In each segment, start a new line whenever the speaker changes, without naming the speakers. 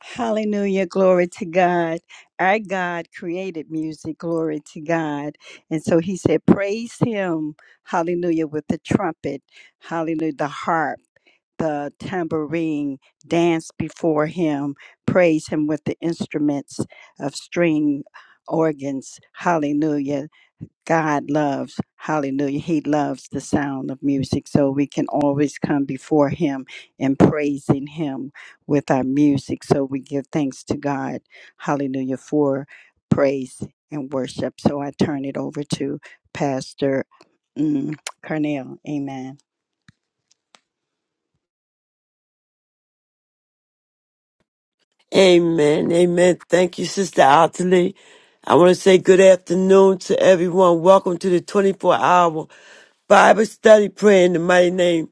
Hallelujah. Glory to God. Our God created music. Glory to God. And so he said, Praise him. Hallelujah. With the trumpet. Hallelujah. The harp, the tambourine. Dance before him. Praise him with the instruments of string organs. Hallelujah. God loves, hallelujah, He loves the sound of music. So we can always come before Him and praising Him with our music. So we give thanks to God, hallelujah, for praise and worship. So I turn it over to Pastor mm, Cornell. Amen.
Amen. Amen. Thank you, Sister Ottilie. I want to say good afternoon to everyone. Welcome to the 24 hour Bible study prayer in the mighty name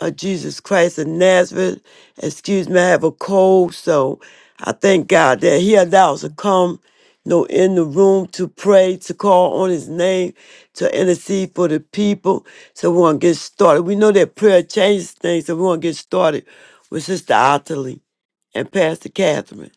uh, Jesus Christ of Nazareth. Excuse me, I have a cold, so I thank God that He allows us to come, you know, in the room to pray, to call on His name, to intercede for the people. So we want to get started. We know that prayer changes things, so we want to get started with Sister Otterly and Pastor Catherine.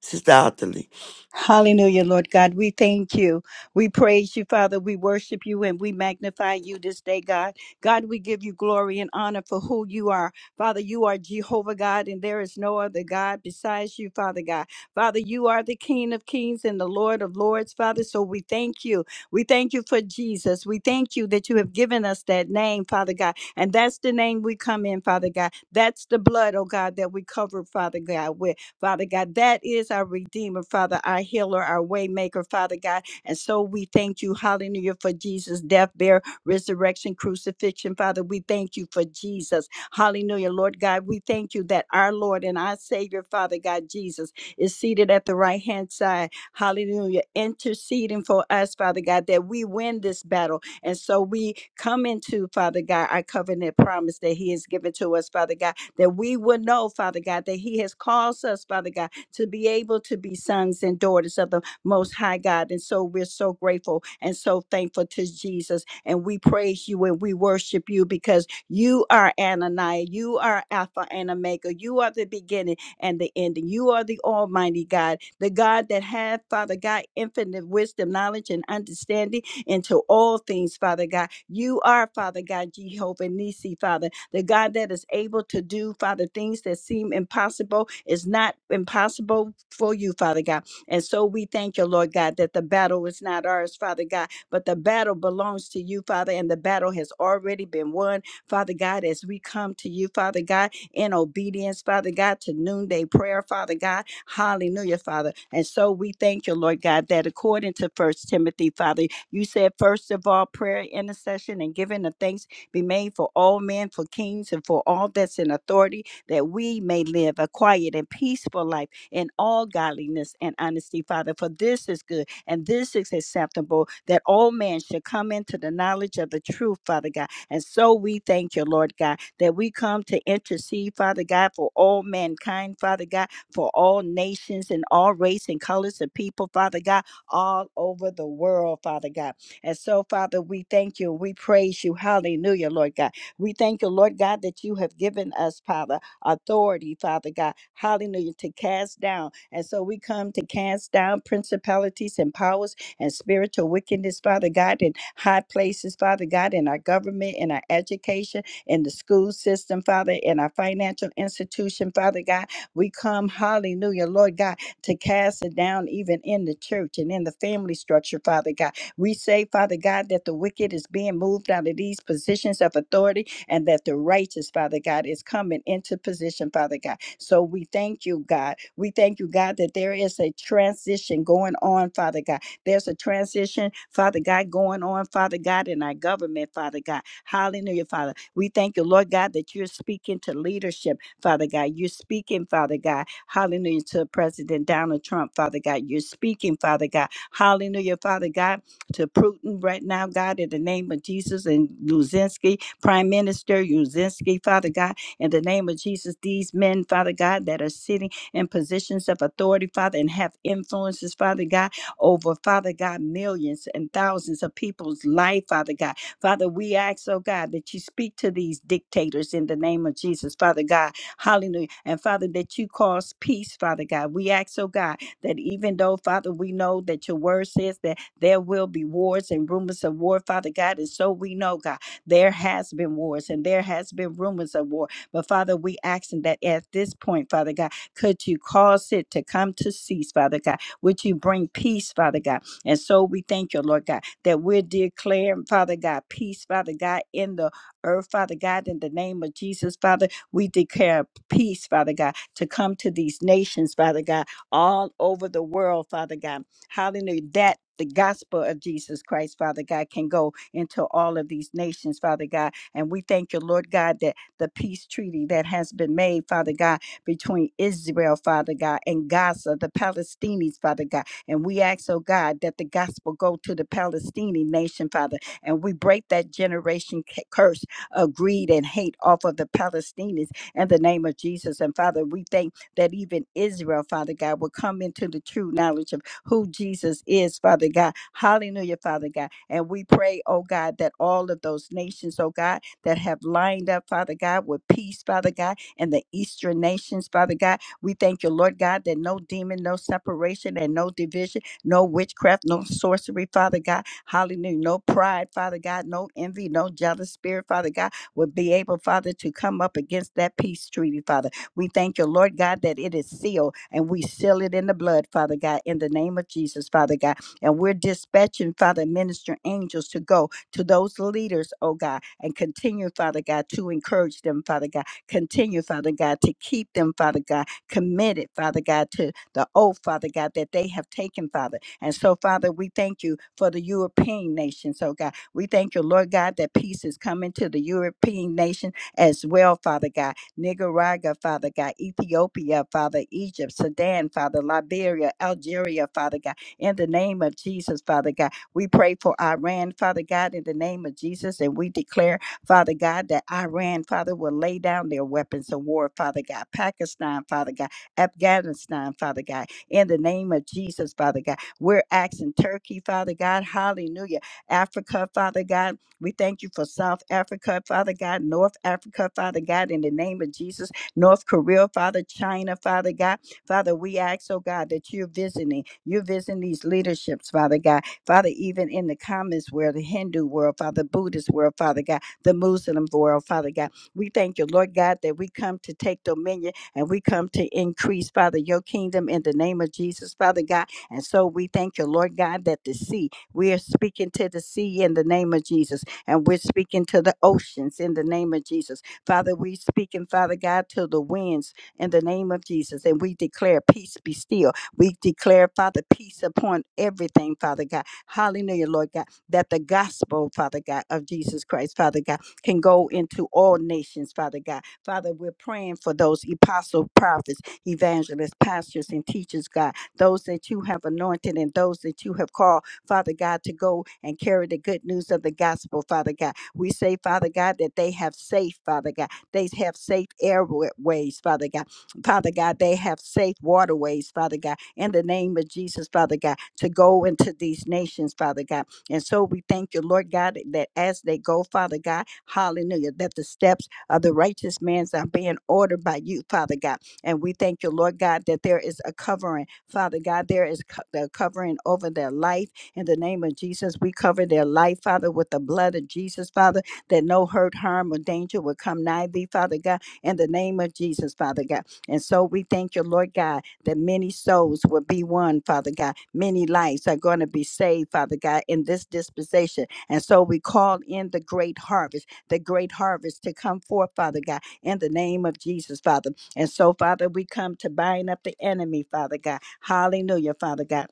Sister Otterly.
Hallelujah, Lord God. We thank you. We praise you, Father. We worship you and we magnify you this day, God. God, we give you glory and honor for who you are. Father, you are Jehovah God, and there is no other God besides you, Father God. Father, you are the King of kings and the Lord of lords, Father. So we thank you. We thank you for Jesus. We thank you that you have given us that name, Father God. And that's the name we come in, Father God. That's the blood, oh God, that we cover, Father God, with. Father God. That is our Redeemer, Father, our healer, our waymaker, Father God. And so we thank you, hallelujah, for Jesus' death, bear, resurrection, crucifixion, Father. We thank you for Jesus. Hallelujah, Lord God. We thank you that our Lord and our Savior, Father God, Jesus, is seated at the right hand side. Hallelujah, interceding for us, Father God, that we win this battle. And so we come into, Father God, our covenant promise that He has given to us, Father God that we will know, Father God, that He has caused us, Father God, to be able to be sons and daughters of the Most High God. And so we're so grateful and so thankful to Jesus. And we praise you and we worship you because you are Ananiah, you are Alpha and Omega, you are the beginning and the ending. You are the Almighty God, the God that had, Father God, infinite wisdom, knowledge, and understanding into all things, Father God. You are, Father God, Jehovah Nisi, Father, the God that is able to do, Father, things that seem impossible is not impossible for you, Father God. And so we thank you, Lord God, that the battle is not ours, Father God, but the battle belongs to you, Father, and the battle has already been won, Father God, as we come to you, Father God, in obedience, Father God, to noonday prayer, Father God. Hallelujah, Father. And so we thank you, Lord God, that according to First Timothy, Father, you said, first of all, prayer, intercession, and giving of thanks be made for all men, for kings, and for all that's in authority, that we may live a quiet and peaceful life in all godliness and honesty, Father. For this is good and this is acceptable, that all men should come into the knowledge of the truth, Father God. And so we thank you, Lord God, that we come to intercede, Father God, for all mankind, Father God, for all nations and all race and colors of people, Father God all over the world, Father God. And so, Father, we thank you. We praise you. Hallelujah, Lord God. We thank you, Lord God, that you have given us, Father, authority, Father God. Hallelujah, to cast down. And so we come to cast down principalities and powers and spiritual wickedness, Father God, in high places, Father God, in our government, in our education, in the school system, Father, in our financial institution, Father God. We come, hallelujah, Lord God to cast it down even in the church and in the family structure, Father God. We say, Father God, that the wicked is being moved out of these positions of authority and that the righteous, Father God, is coming into position, Father God. So we thank you, God. We thank you, God, that there is a transition going on, Father God. There's a transition, Father God, going on, Father God, in our government, Father God. Hallelujah, Father. We thank you, Lord God, that you're speaking to leadership. Father God. You're speaking, Father God. Hallelujah to President Donald Trump, Father God. You're speaking, Father God. Hallelujah, Father God, to Putin right now, God, in the name of Jesus and Luzinski, Prime Minister Luzinski, Father God, in the name of Jesus, these men, Father God, that are sitting in positions of authority, Father, and have influences, Father God, over, Father God, millions and thousands of people's life, Father God. Father, we ask, oh God, that you speak to these dictators in the name of Jesus, Father God. Hallelujah. And Father, that you cause peace, Father God. We ask, oh God, that even though, Father, we know that your word says that there will be wars and rumors of war, Father God. And so we know, God, there has been wars and there has been rumors of war. But Father, we asking that at this point, Father God, could you cause it to come to cease, Father God? Would you bring peace, Father God? And so we thank you, Lord God, that we're declaring, Father God, peace, Father God, in the earth, Father God, in the name of Jesus, Father. We declare peace, Father God, to come to these nations, Father God, all over the world, Father God. Hallelujah. That the gospel of Jesus Christ, Father God, can go into all of these nations, Father God. And we thank you, Lord God, that the peace treaty that has been made, Father God, between Israel, Father God, and Gaza, the Palestinians, Father God. And we ask, oh God, that the gospel go to the Palestinian nation, Father. And we break that generation cu- curse uh, greed and hate off of the Palestinians in the name of Jesus. And Father, we thank that even Israel, Father God, will come into the true knowledge of who Jesus is, Father God. Hallelujah, Father God. And we pray, oh God, that all of those nations, oh God, that have lined up, Father God, with peace, Father God, and the Eastern nations, Father God, we thank you, Lord God, that no demon, no separation, and no division no witchcraft, no sorcery, Father God. Hallelujah. No pride, Father God, no envy, no jealous spirit, Father God, would be able, Father, to come up against that peace treaty, Father. We thank you, Lord God, that it is sealed and we seal it in the blood, Father God, in the name of Jesus, Father God. And we're dispatching, Father, minister angels to go to those leaders, oh God, and continue, Father God, to encourage them, Father God. Continue, Father God, to keep them, Father God, committed, Father God, to the oath, Father God, that they have taken, Father. And so, Father, we thank you for the European nations, oh God. We thank you, Lord God, that peace is coming to the European nation as well, Father God. Nicaragua, Father God, Ethiopia, Father, Egypt, Sudan, Father, Liberia, Algeria, Father God. In the name of Jesus, Father God, we pray for Iran, Father God, in the name of Jesus, and we declare, Father God, that Iran, Father, will lay down their weapons of war, Father God. Pakistan, Father God. Afghanistan, Father God, in the name of Jesus, Father God. We're asking Turkey, Father God, hallelujah. Africa, Father God, we thank you for South Africa, Father God, North Africa, Father God, in the name of Jesus, North Korea, Father, China, Father God. Father, we ask, oh God, that you're visiting, you're visiting these leaderships, Father God. Father, even in the communist world, the Hindu world, Father, Buddhist world, Father God, the Muslim world, Father God. We thank you, Lord God, that we come to take dominion and we come to increase, Father, your kingdom in the name of Jesus, Father God. And so we thank you, Lord God, that the sea, we are speaking to the sea in the name of Jesus, and we're speaking to the oceans in the name of Jesus. Father, we speaking, Father God, to the winds in the name of Jesus, and we declare peace be still. We declare, Father, peace upon everything, Father God. Hallelujah, Lord God, that the gospel, Father God, of Jesus Christ, Father God, can go into all nations, Father God Father, we're praying for those apostle, prophets, evangelists, pastors, and teachers, God, those that you have anointed and those that you have called, Father God, to go and carry the good news of the gospel, Father God. We say, Father God, that they have safe, Father God. They have safe airways, Father God. Father God, they have safe waterways, Father God, in the name of Jesus, Father God, to go into these nations, Father God. And so we thank you, Lord God, that as they go, Father God, hallelujah, that the steps of the righteous man's are being ordered by you, Father God. And we thank you, Lord God, that there is a covering. Father God, there is co- the covering over their life. In the name of Jesus, we cover their life, Father, with the blood of Jesus, Father, that no hurt, harm, or danger will come nigh thee, Father God, in the name of Jesus, Father God. And so we thank you, Lord God, that many souls will be won, Father God. Many lives are going to be saved, Father God, in this dispensation. And so we call in the great harvest the great harvest to come forth, Father God, in the name of Jesus, Father. And so, Father, we come to bind up the enemy, Father God. Hallelujah, Father God.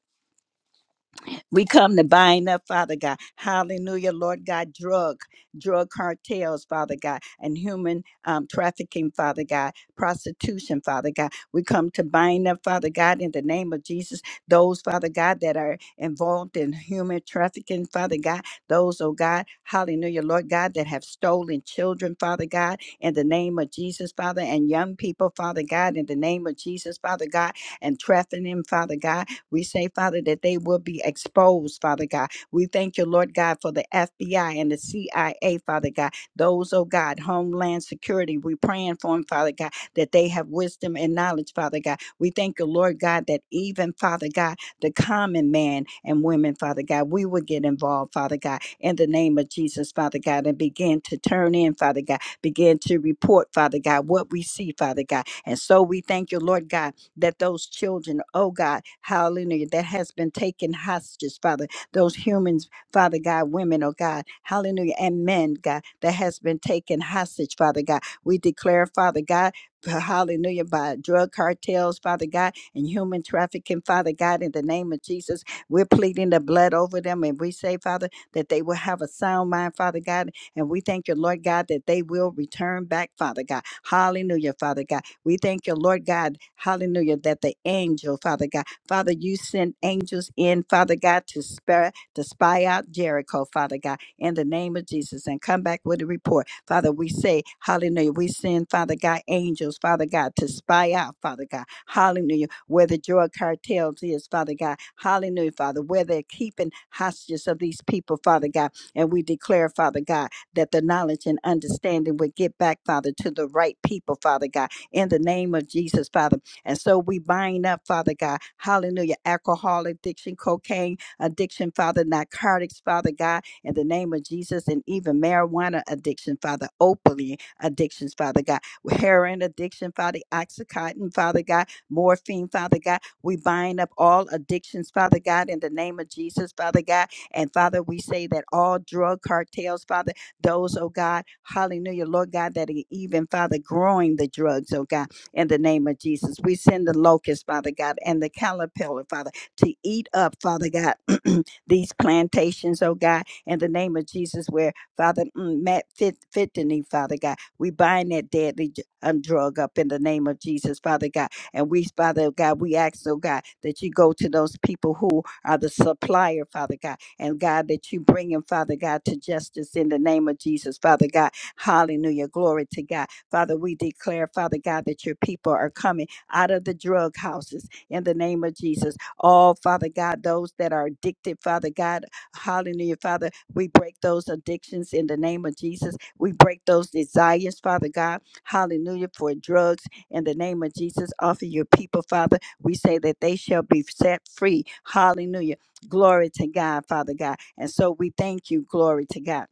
We come to bind up, Father God. Hallelujah, Lord God, drug, drug cartels, Father God, and human um, trafficking, Father God, prostitution, Father God. We come to bind up, Father God, in the name of Jesus, those, Father God, that are involved in human trafficking, Father God, those, oh God, hallelujah, Lord God, that have stolen children, Father God, in the name of Jesus, Father, and young people, Father God, in the name of Jesus, Father God, and trafficking, Father God. We say, Father, that they will be exposed, Father God. We thank you, Lord God, for the FBI and the CIA, Father God. Those, oh God, Homeland Security, we praying for them, Father God, that they have wisdom and knowledge, Father God. We thank you, Lord God, that even, Father God, the common man and women, Father God, we will get involved, Father God, in the name of Jesus, Father God, and begin to turn in, Father God, begin to report, Father God, what we see, Father God. And so we thank you, Lord God, that those children, oh God, hallelujah, that has been taken hostage, Father, those humans, Father God, women, oh God, hallelujah, and men, God, that has been taken hostage, Father God. We declare, Father God, uh, hallelujah, by drug cartels, Father God, and human trafficking, Father God, in the name of Jesus. We're pleading the blood over them, and we say, Father, that they will have a sound mind, Father God, and we thank you, Lord God, that they will return back, Father God. Hallelujah, Father God we thank you, Lord God, hallelujah, that the angel, Father God, Father, you sent angels in, Father God, to spare to spy out Jericho, Father God, in the name of Jesus, and come back with a report. Father, we say, hallelujah, we send, Father God, angels, Father God, to spy out, Father God, hallelujah, where the drug cartels is, Father God, hallelujah, Father, where they're keeping hostages of these people, Father God, and we declare, Father God, that the knowledge and understanding would get back, Father, to the right people, Father God, in the name of Jesus, Father. And so we bind up, Father God, hallelujah, alcohol addiction, cocaine addiction, Father, narcotics, Father God, in the name of Jesus, and even marijuana addiction, Father, opiate addictions, Father God, heroin addiction, Father, oxycontin, Father God, morphine, Father God. We bind up all addictions, Father God, in the name of Jesus, Father God. And Father, we say that all drug cartels, Father. Those, oh God, hallelujah, Lord God, that are even, Father, growing the drugs, oh God, in the name of Jesus. We send the locust, Father God, and the caterpillar, Father, to eat up, Father God, these plantations, oh God, in the name of Jesus, where, Father, mm, Matt fit, Fittany, Father God, we bind that deadly j- um, drug up in the name of Jesus, Father God. And we, Father God, we ask, oh God, that you go to those people who are the supplier, Father God and God, that you bring him, Father God, to justice in the name of Jesus, Father God. Hallelujah. Glory to God. Father, we declare, Father God, that your people are coming out of the drug houses in the name of Jesus. All, Father God, those that are addicted, Father God, hallelujah, Father, we break those addictions in the name of Jesus. We break those desires, Father God, hallelujah, for drugs in the name of Jesus. Offer your people, Father, we say that they shall be set free, hallelujah Glory to God, Father God. And so we thank you, glory to God.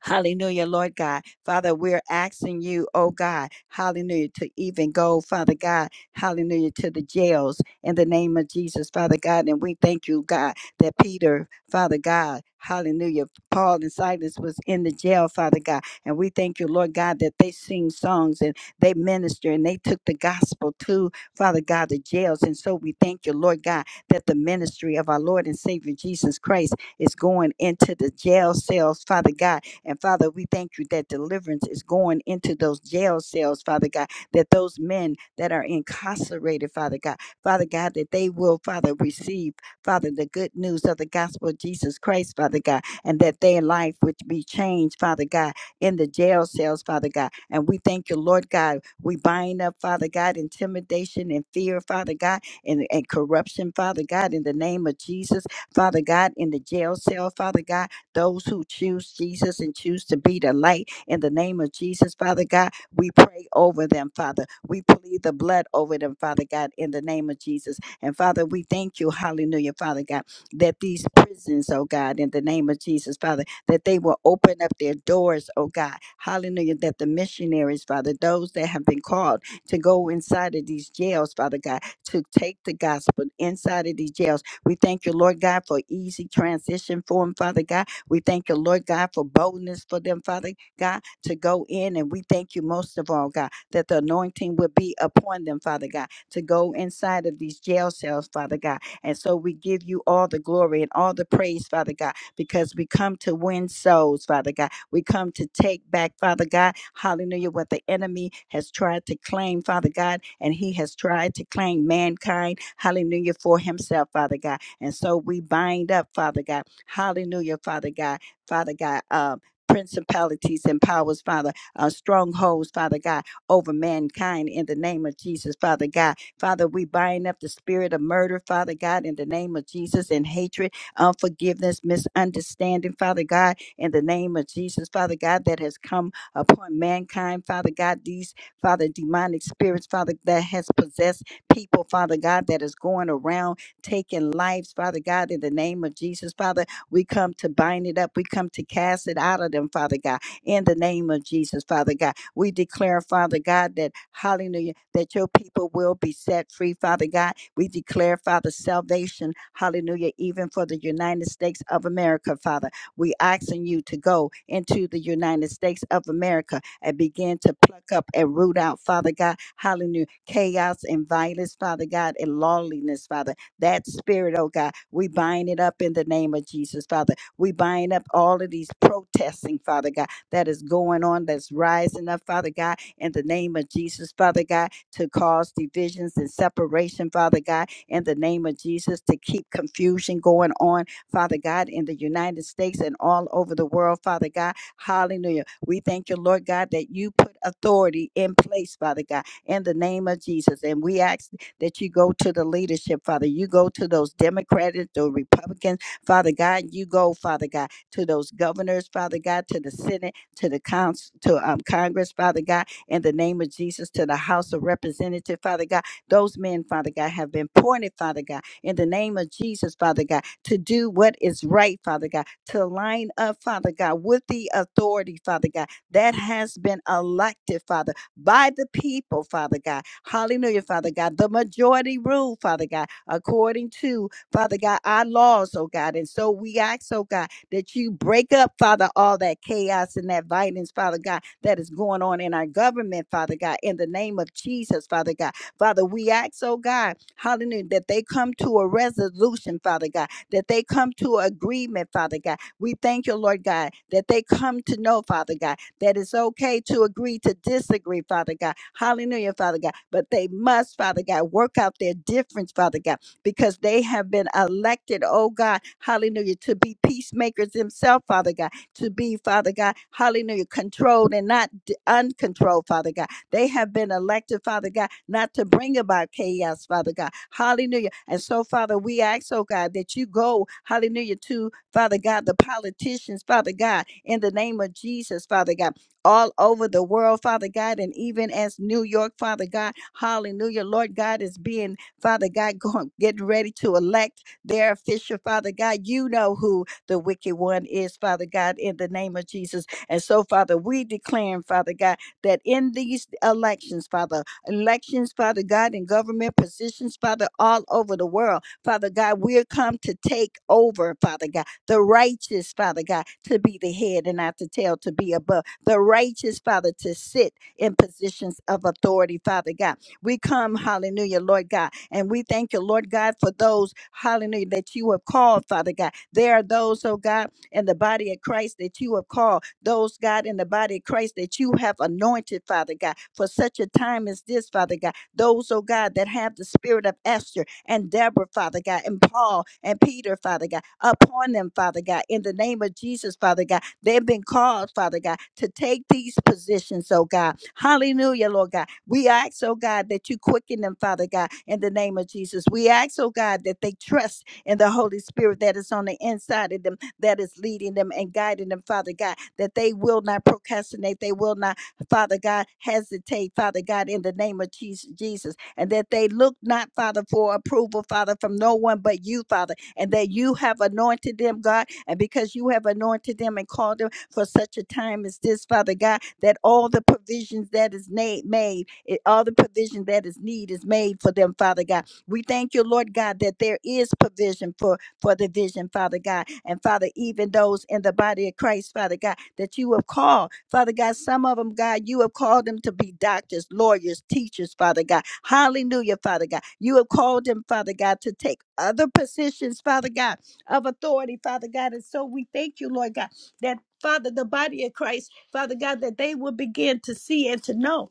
Hallelujah, Lord God. Father, we're asking you, oh God, hallelujah, to even go, Father God, hallelujah, to the jails in the name of Jesus, Father God. And we thank you, God, that Peter, Father God, hallelujah, Paul and Silas was in the jail, Father God. And we thank you, Lord God, that they sing songs and they minister and they took the gospel to, Father God, the jails. And so we thank you, Lord God, that the ministry of our Lord and Savior Jesus Christ is going into the jail cells, Father God and Father, we thank you that deliverance is going into those jail cells, Father God, that those men that are incarcerated, Father God, Father God, that they will, Father, receive, Father, the good news of the gospel of Jesus Christ, Father God, and that their life would be changed, Father God, in the jail cells, Father God. And we thank you, Lord God. We bind up, Father God, intimidation and fear, Father God, and, and corruption, Father God, in the name of Jesus, Father God, in the jail cell, Father God those who choose Jesus and choose to be the light in the name of Jesus, Father God. We pray over them, Father. We plead the blood over them, Father God, in the name of Jesus. And Father, we thank you, hallelujah, Father God, that these prisons, oh God, in the name of Jesus, Father, that they will open up their doors, oh God, hallelujah, that the missionaries, Father, those that have been called to go inside of these jails, Father God, to take the gospel inside of these jails. We thank you, Lord God, for easy transition for them, Father God we thank you, Lord God, for boldness for them, Father God, to go in. And we thank you most of all, God, that the anointing will be upon them, Father God, to go inside of these jail cells, Father God. And so we give you all the glory and all the praise, Father God, because we come to win souls, Father God. We come to take back, Father God, hallelujah, what the enemy has tried to claim, Father God, and he has tried to claim mankind, hallelujah, for himself, Father God. And so we bind up, Father God. Hallelujah, Father God. Father God, um, principalities and powers, Father, uh, strongholds, Father God, over mankind in the name of Jesus, Father God. Father, we bind up the spirit of murder, Father God, in the name of Jesus, and hatred, unforgiveness, misunderstanding, Father God, in the name of Jesus, Father God, that has come upon mankind, Father God, these, Father, demonic spirits, Father, that has possessed people, Father God, that is going around taking lives, Father God, in the name of Jesus, Father. We come to bind it up. We come to cast it out of them, Father God, in the name of Jesus, Father God. We declare, Father God, that hallelujah, that your people will be set free, Father God. We declare, Father, salvation, hallelujah, even for the United States of America, Father. We asking you to go into the United States of America and begin to pluck up and root out, Father God, hallelujah, chaos and violence, Father God, and lawlessness, Father. That spirit, oh God, we bind it up in the name of Jesus, Father. We bind up all of these protesting, Father God, that is going on, that's rising up, Father God, in the name of Jesus, Father God, to cause divisions and separation, Father God, in the name of Jesus, to keep confusion going on, Father God, in the United States and all over the world, Father God. Hallelujah. We thank you, Lord God, that you put authority in place, Father God, in the name of Jesus. And we ask that you go to the leadership, Father. You go to those Democrats, the Republicans, Father God. You go, Father God, to those governors, Father God, to the Senate, to the Council, to um, Congress, Father God, in the name of Jesus, to the House of Representatives, Father God. Those men, Father God, have been appointed, Father God, in the name of Jesus, Father God, to do what is right, Father God, to line up, Father God, with the authority, Father God, that has been elected, Father by the people, Father God. Hallelujah, Father God. The majority rule, Father God, according to, Father God, our laws, oh God. And so we ask, oh God, that you break up, Father, all that chaos and that violence, Father God, that is going on in our government, Father God, in the name of Jesus, Father God. Father, we ask, oh God, hallelujah, that they come to a resolution, Father God, that they come to agreement, Father God. We thank you, Lord God, that they come to know, Father God that it's okay to agree to disagree, Father God. Hallelujah, Father God. But they must, Father God, work out their difference, Father God, because they have been elected, oh God, hallelujah, to be peacemakers themselves, Father God, to be, Father God, hallelujah, controlled and not d- uncontrolled, Father God. They have been elected, Father God, not to bring about chaos, Father God. Hallelujah. And so, Father, we ask, oh God, that you go, hallelujah, to Father God, the politicians, Father God, in the name of Jesus, Father God, all over the world, Father God, and even as New York, Father God, hallelujah, Lord God is being, Father God, going, getting ready to elect their official, Father God. You know who the wicked one is, Father God, in the name of Jesus. And so, Father, we declare, Father God, that in these elections, Father, elections, Father God, in government positions, Father, all over the world, Father God, we're come to take over, Father God the righteous, Father God, to be the head and not the tail, to be above, the righteous, Father, to sit in positions of authority, Father God. We come, hallelujah, Lord God, and we thank you, Lord God, for those, hallelujah, that you have called, Father God. There are those, oh God, in the body of Christ that you have called, those, God, in the body of Christ that you have anointed, Father God, for such a time as this, Father God those, oh God, that have the spirit of Esther and Deborah, Father God, and Paul and Peter, Father God, upon them, Father God, in the name of Jesus, Father God. They've been called, Father God, to take these positions, oh God. Hallelujah, Lord God. We ask, oh God, that you quicken them, Father God, in the name of Jesus. We ask, oh God, that they trust in the Holy Spirit that is on the inside of them, that is leading them and guiding them, Father God, that they will not procrastinate, they will not Father God, hesitate, Father God, in the name of Jesus, Jesus, and that they look not, Father, for approval, Father, from no one but you, Father, and that you have anointed them, God, and because you have anointed them and called them for such a time as this, Father God, that all the provisions that is na- made, it, all the provision that is need is made for them, Father God. We thank you, Lord God, that there is provision for for the vision, Father God. And Father, even those in the body of Christ, Father God, that you have called, Father God, some of them, God, you have called them to be doctors, lawyers, teachers, Father God. Hallelujah, Father God. You have called them, Father God, to take other positions, Father God, of authority, Father God. And so we thank you, Lord God, that. Father, the body of Christ, Father God, that they will begin to see and to know,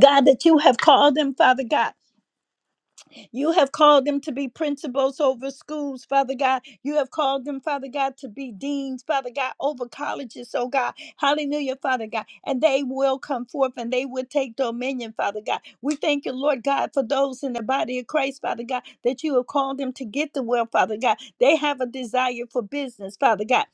God, that you have called them, Father God, You have called them to be principals over schools, Father God. You have called them, Father God, to be deans, Father God, over colleges, oh God. Hallelujah, Father God. And they will come forth and they will take dominion, Father God. We thank you, Lord God, for those in the body of Christ, Father God, that you have called them to get the will, Father God. They have a desire for business, Father God.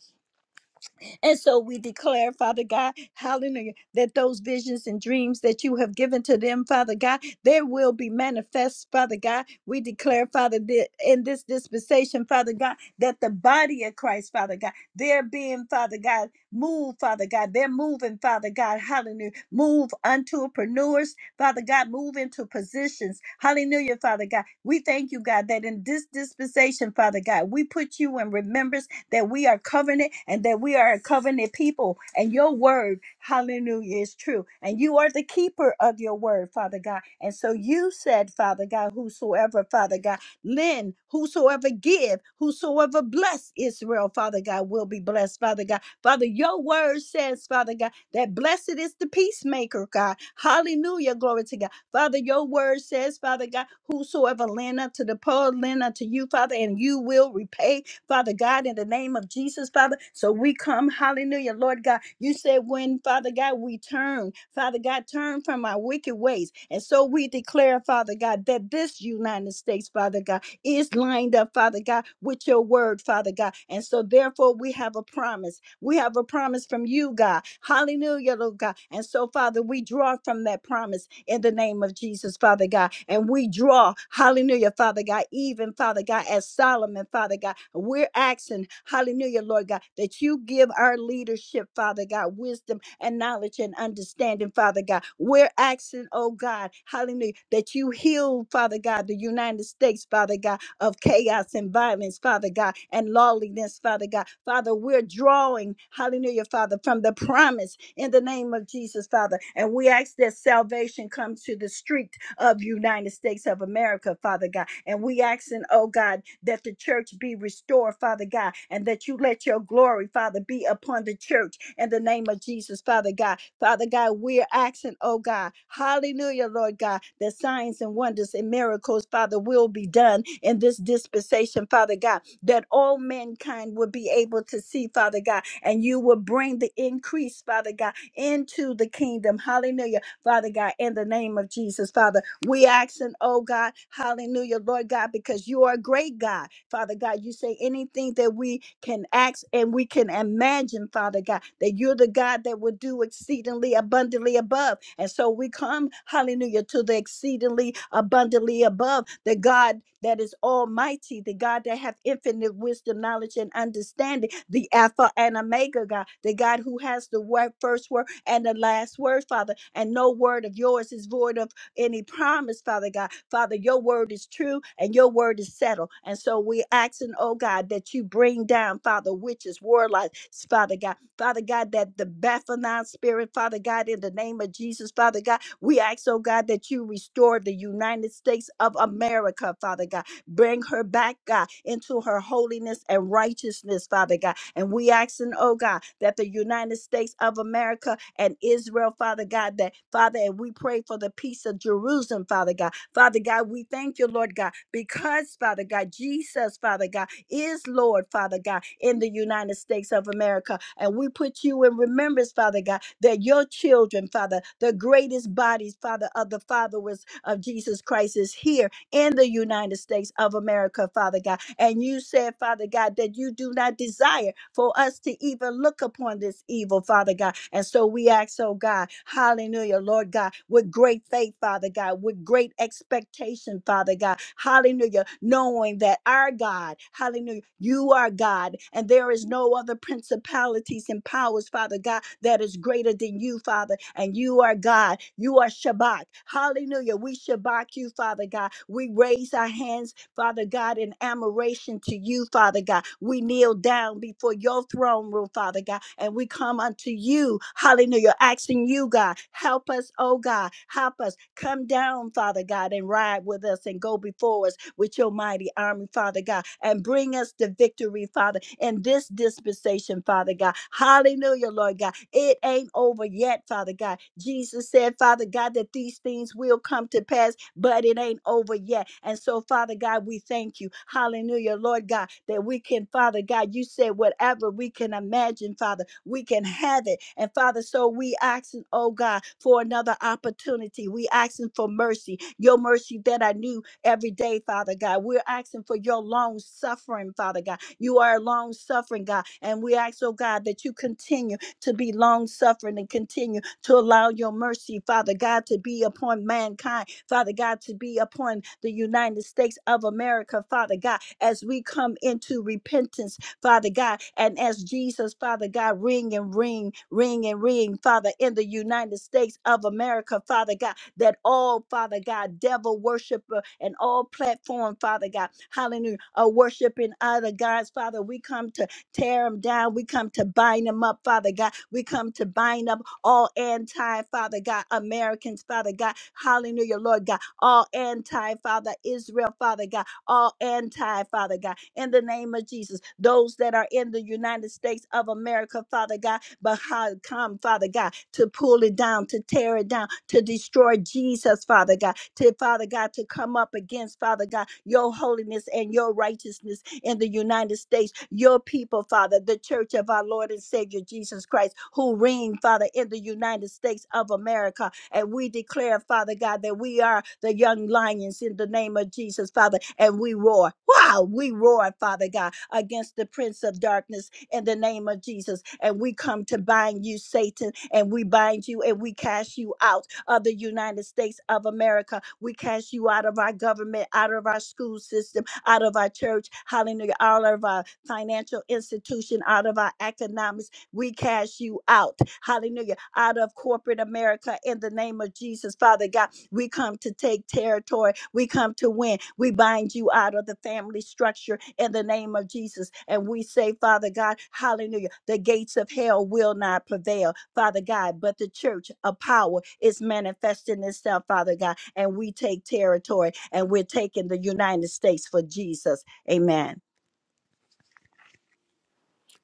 And so we declare, Father God, hallelujah, that those visions and dreams that you have given to them, Father God, they will be manifest, Father God. We declare, Father, that in this dispensation, Father God, that the body of Christ, Father God, they're being, Father God, moved, Father God. They're moving, Father God, hallelujah. Move unto preneurs, Father God, move into positions. Hallelujah, Father God. We thank you, God, that in this dispensation, Father God, we put you in remembrance that we are covenant and that we are a covenant people. And your word, hallelujah, is true. And you are the keeper of your word, Father God. And so you said, Father God, whosoever, Father God, lend, whosoever give, whosoever bless Israel, Father God, will be blessed, Father God. Father, your word says, Father God, that blessed is the peacemaker, God. Hallelujah, glory to God. Father, your word says, Father God, whosoever lend unto the poor, lend unto you, Father, and you will repay Father God, in the name of Jesus, Father. So we come, hallelujah, Lord God. You said when, Father God, we turn, Father God, turn from our wicked ways. And so we declare, Father God, that this United States, Father God, is lined up, Father God, with your word, Father God. And so therefore we have a promise. We have a promise from you, God. Hallelujah, Lord God. And so, Father, we draw from that promise in the name of Jesus, Father God. And we draw, hallelujah, Father God, even, Father God, as Solomon, Father God, we're asking, hallelujah, Lord God, that you give our leadership, Father God, wisdom and knowledge and understanding, Father God. We're asking, oh God, hallelujah, that you heal, Father God, the United States, Father God, of chaos and violence, Father God, and lawlessness, Father God. Father, we're drawing, hallelujah, Father, from the promise in the name of Jesus, Father. And we ask that salvation comes to the street of United States of America, Father God. And we asking, oh God, that the church be restored, Father God, and that you let your glory, Father, be upon the church in the name of Jesus, Father God. Father God, we're asking, oh God, hallelujah, Lord God, that signs and wonders and miracles, Father, will be done in this dispensation, Father God, that all mankind will be able to see, Father God, and you will bring the increase, Father God, into the kingdom. Hallelujah Father God, in the name of Jesus, Father. We asking, oh God, hallelujah, Lord God, because you are a great God. Father God, you say anything that we can ask and we can imagine, Father God, that you're the God that will do exceedingly abundantly above. And so we come come, hallelujah, to the exceedingly abundantly above the God that is almighty, the God that hath infinite wisdom, knowledge, and understanding, the Alpha and Omega God, the God who has the word, first word and the last word, Father. And no word of yours is void of any promise, Father God. Father, your word is true and your word is settled. And so we're asking, oh God, that you bring down, Father, witches, warlocks, Father God. Father God, that the Baphomet spirit, Father God, in the name of Jesus, Father God we ask, oh God, that you restore the United States of America, Father God. Bring her back, God, into her holiness and righteousness, Father God. And we asking, oh God, that the United States of America and Israel, Father God, that Father, and we pray for the peace of Jerusalem, Father God. Father God, we thank you, Lord God, because Father God, Jesus, Father God is Lord, Father God, in the United States of America. And we put you in remembrance, Father God, that your children, Father, the greatest bodies, Father, of the followers of Jesus Christ is here in the United States of America, Father God. And you said, Father God, that you do not desire for us to even look upon this evil, Father God. And so we ask, oh God, hallelujah, Lord God, with great faith, Father God, with great expectation, Father God. Hallelujah. Knowing that our God, hallelujah, you are God, and there is no other principalities and powers, Father God, that is greater than you, Father, and you are God. You are Shabbat. Hallelujah. We Shabbat you, Father God. We raise our hands Father God, in admiration to you, Father God. We kneel down before your throne room, Father God, and we come unto you, hallelujah, asking you, God, help us, oh God, help us come down, Father God, and ride with us and go before us with your mighty army, Father God, and bring us the victory, Father, in this dispensation, Father God. Hallelujah, Lord God. God. It ain't over yet, Father God. Jesus said, Father God, that these things will come to pass, but it ain't over yet. And so, Father God, we thank you. Hallelujah, Lord God, that we can, Father God, you said whatever we can imagine, Father, we can have it. And Father, so we asking, oh God, for another opportunity. We asking for mercy, your mercy that I knew every day, Father God. We're asking for your long suffering, Father God. You are long suffering, God. And we ask, oh God, that you continue to be long suffering and continue to allow your mercy, Father God, to be upon mankind, Father God, to be upon the United States of America, Father God, as we come into repentance, Father God, and as Jesus, Father God, ring and ring, ring and ring, Father, in the United States of America, Father God, that all, Father God, devil worshiper and all platform, Father God, hallelujah, are worshiping other gods, Father. We come to tear them down. We come to bind them up, Father God. We come to bind up all anti, Father God, Americans, Father God. Hallelujah, Lord God. All anti, Father, Israel, Father God. All anti, Father God. In the name of Jesus, those that are in the United States of America, Father God, but how come, Father God, to pull it down, to tear it down, to destroy Jesus, Father God, to Father God, to come up against, Father God, your holiness and your righteousness in the United States, your people, Father, the church of our Lord and Savior Jesus Christ, who reign, Father, in the United States of America. And we declare, Father God, that we are the young lions in the name of Jesus, Father, and we roar. Wow, we roar, Father God, against the prince of darkness in the name of Jesus. And we come to bind you, Satan, and we bind you and we cast you out of the United States of America. We cast you out of our government, out of our school system, out of our church, hallelujah, out of our financial institution, out of our economics. We cast you out, hallelujah, out of corporate America in the name of Jesus, Father God. We come to take territory, we come to win. We bind you out of the family structure in the name of Jesus. And we say, Father God, hallelujah, the gates of hell will not prevail, Father God, but the church of power is manifesting itself, Father God and we take territory and we're taking the United States for Jesus. Amen.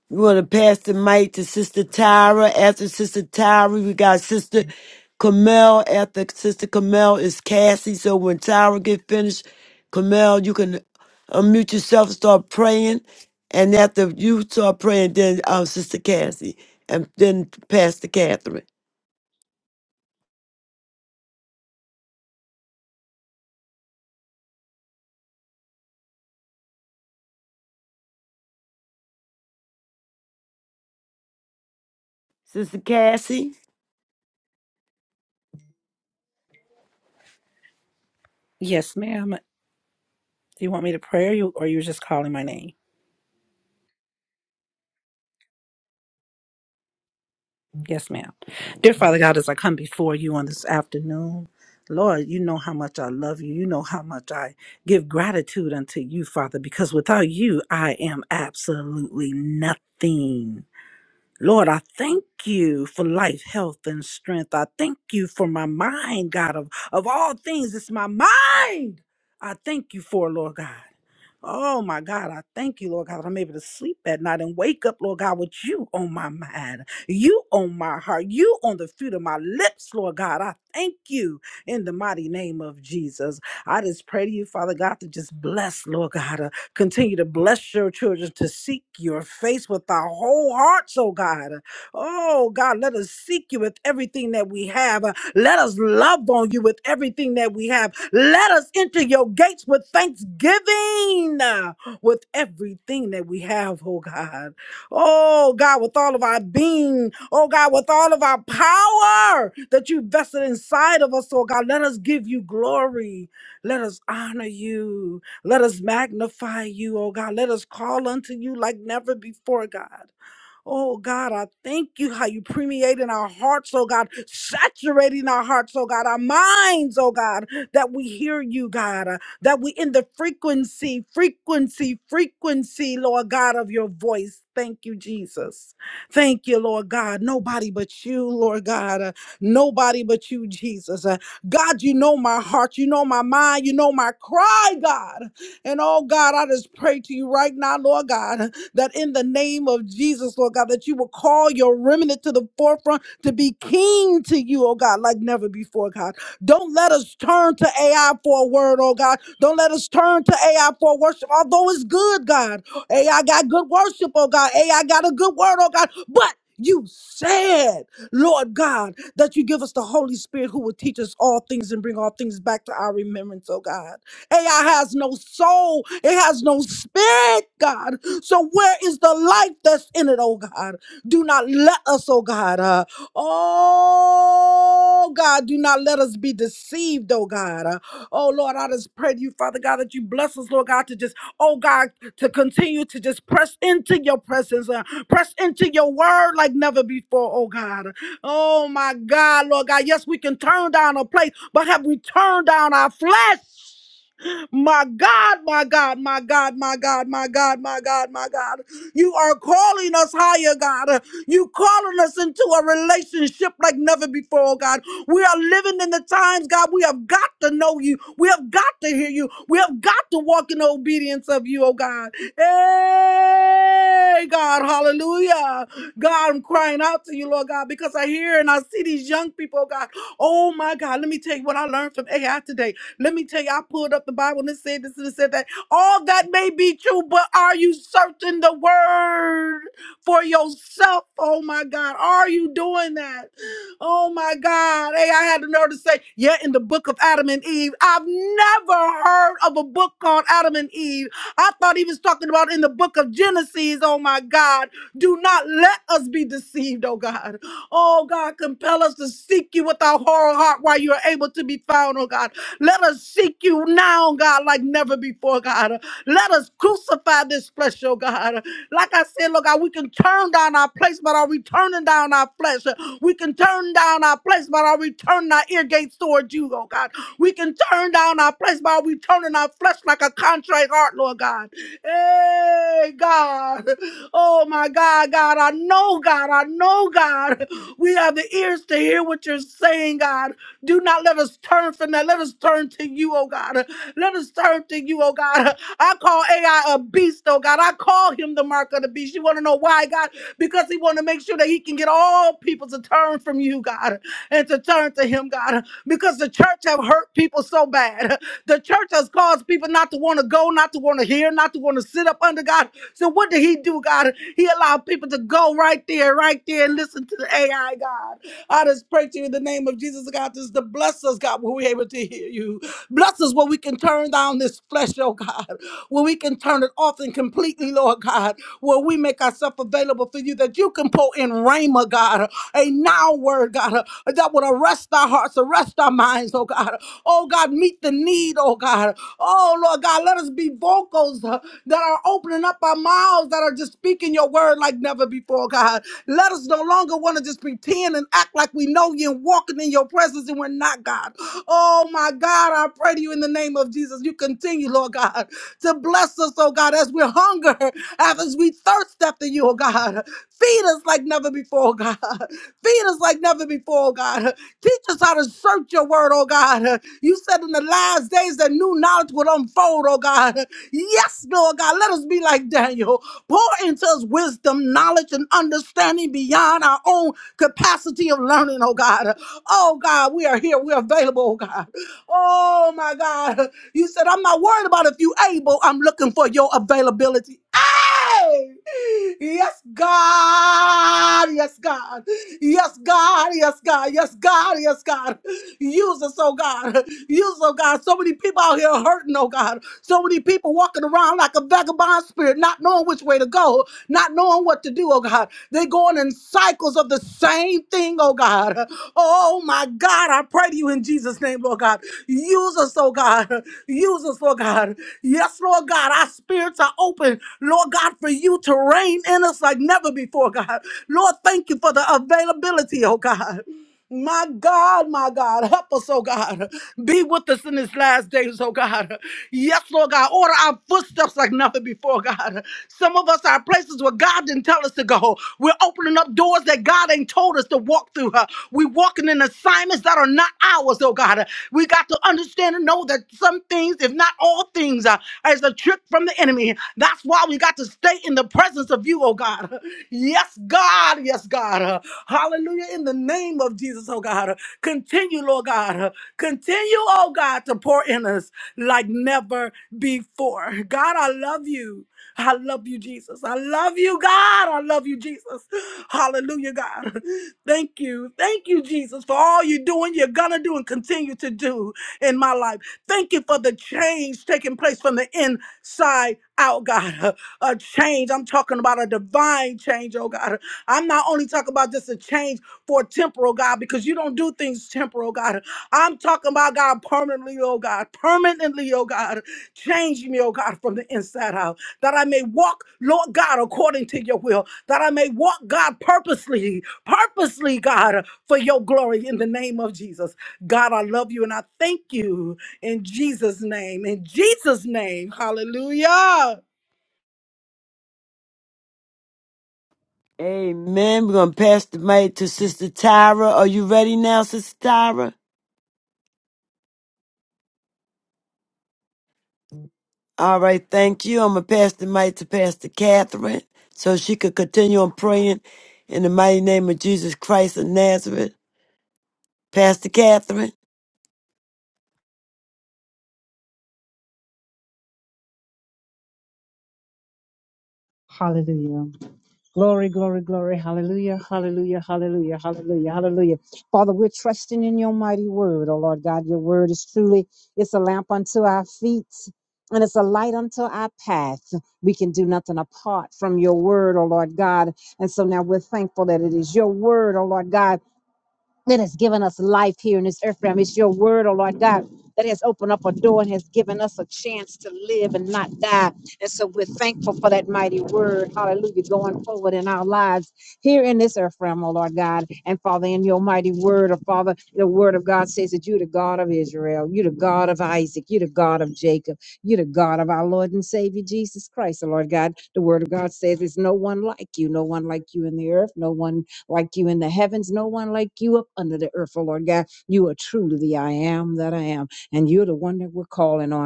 We want to pass the mic to Sister Tyra. After Sister Tyra, we got Sister Camille. After Sister Camille is Cassie. So when Tyra get finished, Camille, you can unmute yourself, and start praying. And after you start praying, then um, Sister Cassie, and then Pastor Catherine. Sister Cassie.
Yes, ma'am. Do you want me to pray or you, or you just calling my name? Yes, ma'am. Dear Father God, as I come before you on this afternoon, Lord, you know how much I love you. You know how much I give gratitude unto you, Father, because without you, I am absolutely nothing. Lord, I thank you for life, health, and strength. I thank you for my mind, God. Of, of all things, it's my mind. I thank you for, Lord God. Oh my God, I thank you, Lord God, that I'm able to sleep at night and wake up, Lord God, with you on my mind, you on my heart, you on the fruit of my lips, Lord God. I thank you in the mighty name of Jesus. I just pray to you, Father God, to just bless, Lord God, uh, continue to bless your children to seek your face with our whole hearts, oh God. Oh God, let us seek you with everything that we have. Uh, Let us love on you with everything that we have. Let us enter your gates with thanksgiving, uh, with everything that we have, oh God. Oh God, with all of our being, oh God, with all of our power that you vested inside of us, oh God, let us give you glory. Let us honor you. Let us magnify you, oh God. Let us call unto you like never before, God. Oh God, I thank you how you permeate in our hearts, oh God, saturating our hearts, oh God, our minds, oh God, that we hear you, God, uh, that we in the frequency, frequency, frequency, Lord God, of your voice. Thank you, Jesus. Thank you, Lord God. Nobody but you, Lord God. uh, nobody but you, Jesus. Uh, God, you know my heart. You know my mind. You know my cry, God. And oh, God, I just pray to you right now, Lord God that in the name of Jesus, Lord God, that you will call your remnant to the forefront to be keen to you, oh God, like never before, God. Don't let us turn to AI for a word, oh God. Don't let us turn to AI for worship, although it's good, God. AI got good worship, oh God. AI got a good word, oh God. But you said, Lord God, that you give us the Holy Spirit who will teach us all things and bring all things back to our remembrance, oh God. AI has no soul, it has no spirit, God. So where is the light that's in it, oh God? Do not let us, oh God. Uh, oh God, do not let us be deceived, oh God. Uh, oh Lord, I just pray to you, Father God, that you bless us, Lord God, to just, oh God, to continue to just press into your presence, uh, press into your word like never before, oh God. Oh my God, Lord God. Yes, we can turn down a place, but have we turned down our flesh? My God, my God, my God, my God, my God, my God, my God. You are calling us higher, God. You calling us into a relationship like never before, oh God. We are living in the times, God. We have got to know you. We have got to hear you. We have got to walk in obedience of you, oh God. Hey, God, hallelujah. God, I'm crying out to you, Lord God, because I hear and I see these young people, oh God. Oh my God, let me tell you what I learned from AI today. Let me tell you, I pulled up the Bible and it said this and it said that. All that may be true, but are you searching the word for yourself? Oh my God. Are you doing that? Oh my God. Hey, I had the nerve to say, yeah, in the book of Adam and Eve. I've never heard of a book called Adam and Eve. I thought he was talking about in the book of Genesis. Oh my God. Do not let us be deceived, oh God. Oh God, compel us to seek you with our whole heart while you are able to be found, oh God. Let us seek you now, God, like never before, God. Let us crucify this flesh, oh God. Like I said, Lord God, we can turn down our place, but are we turning down our flesh? We can turn down our place, but are we turning our ear gates towards you, oh God? We can turn down our place, but are we turning our flesh like a contrite heart, Lord God? Hey, God. Oh, my God, God. I know, God. I know, God. We have the ears to hear what you're saying, God. Do not let us turn from that. Let us turn to you, oh God. Let us turn to you, oh God. I call AI a beast, oh God. I call him the mark of the beast. You want to know why, God? Because he want to make sure that he can get all people to turn from you, God, and to turn to him, God. Because the church have hurt people so bad. The church has caused people not to want to go, not to want to hear, not to want to sit up under God. So what did he do, God? He allowed people to go right there, right there, and listen to to the AI, God. I just pray to you in the name of Jesus, God, just to bless us, God, when we're able to hear you. Bless us when we can turn down this flesh, oh God, when we can turn it off and completely, Lord God, where we make ourselves available for you, that you can pour in Rhema, God, a now word, God, that would arrest our hearts, arrest our minds, oh God. Oh God, meet the need, oh God. Oh Lord God, let us be vocals uh, that are opening up our mouths, that are just speaking your word like never before, God. Let us no longer want to just pretend and act like we know you and walking in your presence and we're not, God. Oh, my God, I pray to you in the name of Jesus. You continue, Lord God, to bless us, oh God, as we hunger, as we thirst after you, oh God. Feed us like never before, oh God. Feed us like never before, oh God. Teach us how to search your word, oh God. You said in the last days that new knowledge would unfold, oh God. God. Yes, Lord God. Let us be like Daniel. Pour into us wisdom, knowledge, and understanding beyond our own capacity of learning, oh God. Oh God, we are here. We're available, oh God. Oh my God. You said, I'm not worried about if you able. I'm looking for your availability. Ah, Yes, God. Yes, God. Yes, God. Yes, God. Yes, God. Yes, God. Use us, oh God. Use us, oh God. So many people out here hurting, oh God. So many people walking around like a vagabond spirit, not knowing which way to go, not knowing what to do, oh God. They go going in cycles of the same thing, oh God. Oh my God, I pray to you in Jesus' name, Lord God. Use us, oh God. Use us, Lord God. Yes, Lord God, our spirits are open, Lord God, for you to reign in us like never before, God. Lord, thank you for the availability, oh God. My God, my God, help us, oh God. Be with us in these last days, oh God. Yes, Lord God, order our footsteps like never before, God. Some of us are places where God didn't tell us to go. We're opening up doors that God ain't told us to walk through. We're walking and assignments that are not ours, oh God. We got to understand and know that some things, if not all things, uh, is a trick from the enemy. That's why we got to stay in the presence of you, oh God. Yes, God. Yes, God. Uh, Hallelujah. In the name of Jesus, oh God. Uh, Continue, Lord God. Uh, Continue, oh God, to pour in us like never before. God, I love you. I love you, Jesus. I love you, God. I love you, Jesus. Hallelujah, God. Thank you. Thank you, Jesus, for all you're doing, you're going to do, and continue to do in my life. Thank you for the change taking place from the inside out, God. A change. I'm talking about a divine change, oh God. I'm not only talking about just a change for temporal, God, because you don't do things temporal, God. I'm talking about, God, permanently, oh God. Permanently, oh God. Change me, oh God, from the inside out that I may walk, Lord God, according to your will, that I may walk, God, purposely, purposely, God, for your glory in the name of Jesus. God, I love you and I thank you in Jesus' name, in Jesus' name. Hallelujah.
Amen. We're going to pass the mic to Sister Tyra. Are you ready now, Sister Tyra? All right, thank you. I'm going to pass the mic to Pastor Catherine so she could continue on praying in the mighty name of Jesus Christ of Nazareth. Pastor Catherine.
Hallelujah. Glory, glory, glory. Hallelujah. Hallelujah. Hallelujah. Hallelujah. Hallelujah. Father, we're trusting in your mighty word. Oh Lord God, your word is truly it's a lamp unto our feet and it's a light unto our path. We can do nothing apart from your word, oh Lord God. And so now we're thankful that it is your word, oh Lord God, that has given us life here in this earth realm. It's your word, oh Lord God, that has opened up a door and has given us a chance to live and not die. And so we're thankful for that mighty word, hallelujah, going forward in our lives here in this earth realm, oh Lord God. And Father, in your mighty word, oh Father, the word of God says that you're the God of Israel, you're the God of Isaac, you're the God of Jacob, you're the God of our Lord and Savior Jesus Christ, oh Lord God. The word of God says there's no one like you, no one like you in the earth, no one like you in the heavens, no one like you up under the earth, oh Lord God. You are truly the I am that I am, and you're the one that we're calling on.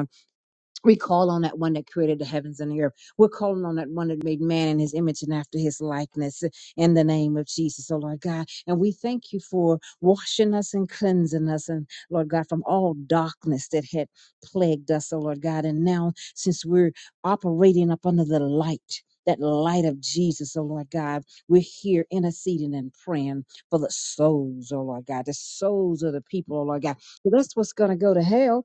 We call on that one that created the heavens and the earth. We're calling on that one that made man in his image and after his likeness uh, in the name of Jesus, oh Lord God. And we thank you for washing us and cleansing us, and Lord God, from all darkness that had plagued us, oh Lord God. And now, since we're operating up under the light, that light of Jesus, oh Lord God, we're here interceding and praying for the souls, oh Lord God, the souls of the people, oh Lord God. So that's what's going to go to hell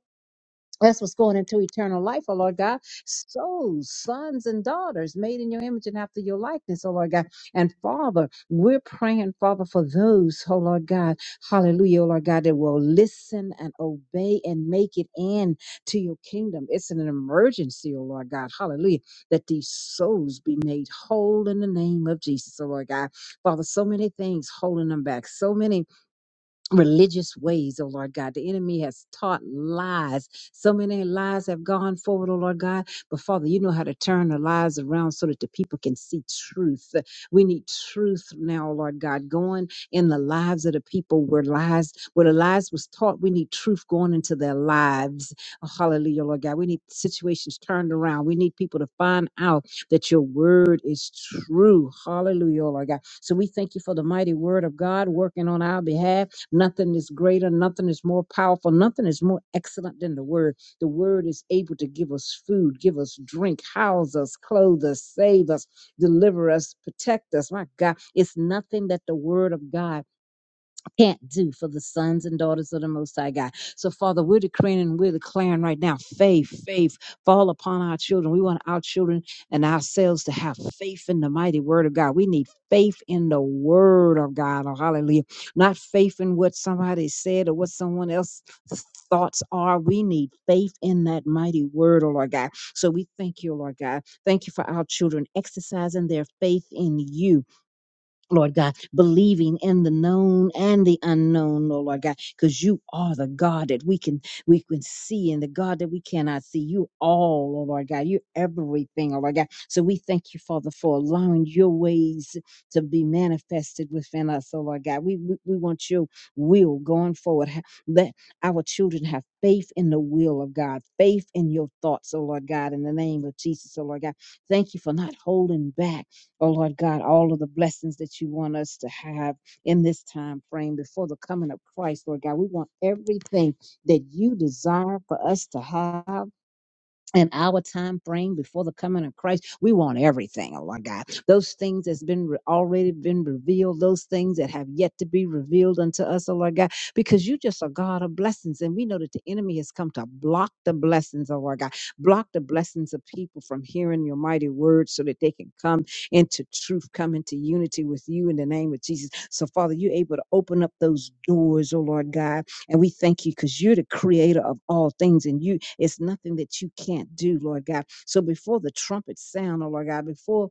that's what's going into eternal life, oh Lord God. Souls, sons and daughters made in your image and after your likeness, oh Lord God. And Father, we're praying, Father, for those, oh Lord God, hallelujah, oh Lord God, that will listen and obey and make it in to your kingdom. It's an emergency, oh Lord God, hallelujah, that these souls be made whole in the name of Jesus, oh Lord God. Father, so many things holding them back, so many religious ways, oh Lord God. The enemy has taught lies. So many lies have gone forward, oh Lord God. But Father, you know how to turn the lies around so that the people can see truth. We need truth now, oh Lord God, going in the lives of the people where lies, where the lies was taught. We need truth going into their lives. Oh, hallelujah, Lord God. We need situations turned around. We need people to find out that your word is true. Hallelujah, oh Lord God. So we thank you for the mighty word of God working on our behalf. Nothing is greater, nothing is more powerful, nothing is more excellent than the word. The word is able to give us food, give us drink, house us, clothe us, save us, deliver us, protect us. My God, it's nothing that the word of God can't do for the sons and daughters of the Most High God. So, Father, we're declaring and we're declaring right now faith, faith, fall upon our children. We want our children and ourselves to have faith in the mighty word of God. We need faith in the word of God. Oh, hallelujah. Not faith in what somebody said or what someone else's Thoughts are we need faith in that mighty word, oh Lord God. So we thank you, Lord God. Thank you for our children exercising their faith in you Lord God, believing in the known and the unknown, oh Lord God, because you are the God that we can we can see and the God that we cannot see. You all, oh Lord God, you everything, oh Lord God. So we thank you, Father, for allowing your ways to be manifested within us, oh Lord God. We we, we want your will going forward. Ha- Let our children have faith in the will of God, faith in your thoughts, oh Lord God, in the name of Jesus, oh Lord God. Thank you for not holding back. Oh Lord God, all of the blessings that you want us to have in this time frame before the coming of Christ, Lord God. We want everything that you desire for us to have in our time frame before the coming of Christ, we want everything, oh my God. Those things that's been re- already been revealed, those things that have yet to be revealed unto us, oh Lord God, because you just a God of blessings. And we know that the enemy has come to block the blessings, oh Lord God, block the blessings of people from hearing your mighty word so that they can come into truth, come into unity with you in the name of Jesus. So, Father, you're able to open up those doors, oh Lord God and we thank you because you're the creator of all things and you it's nothing that you can't do, Lord God. So before the trumpets sound, oh Lord God, before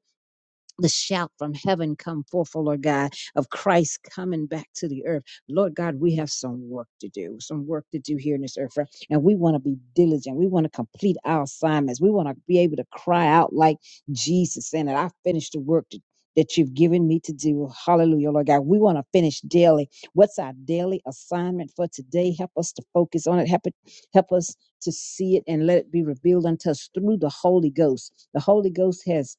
the shout from heaven come forth, oh Lord God, of Christ coming back to the earth. Lord God, we have some work to do, some work to do here in this earth, right? and we want to be diligent. We want to complete our assignments. We want to be able to cry out like Jesus, saying that I finished the work that that you've given me to do. Hallelujah, Lord God. We want to finish daily. What's our daily assignment for today? Help us to focus on it. Help it, help us to see it and let it be revealed unto us through the Holy Ghost. The Holy Ghost has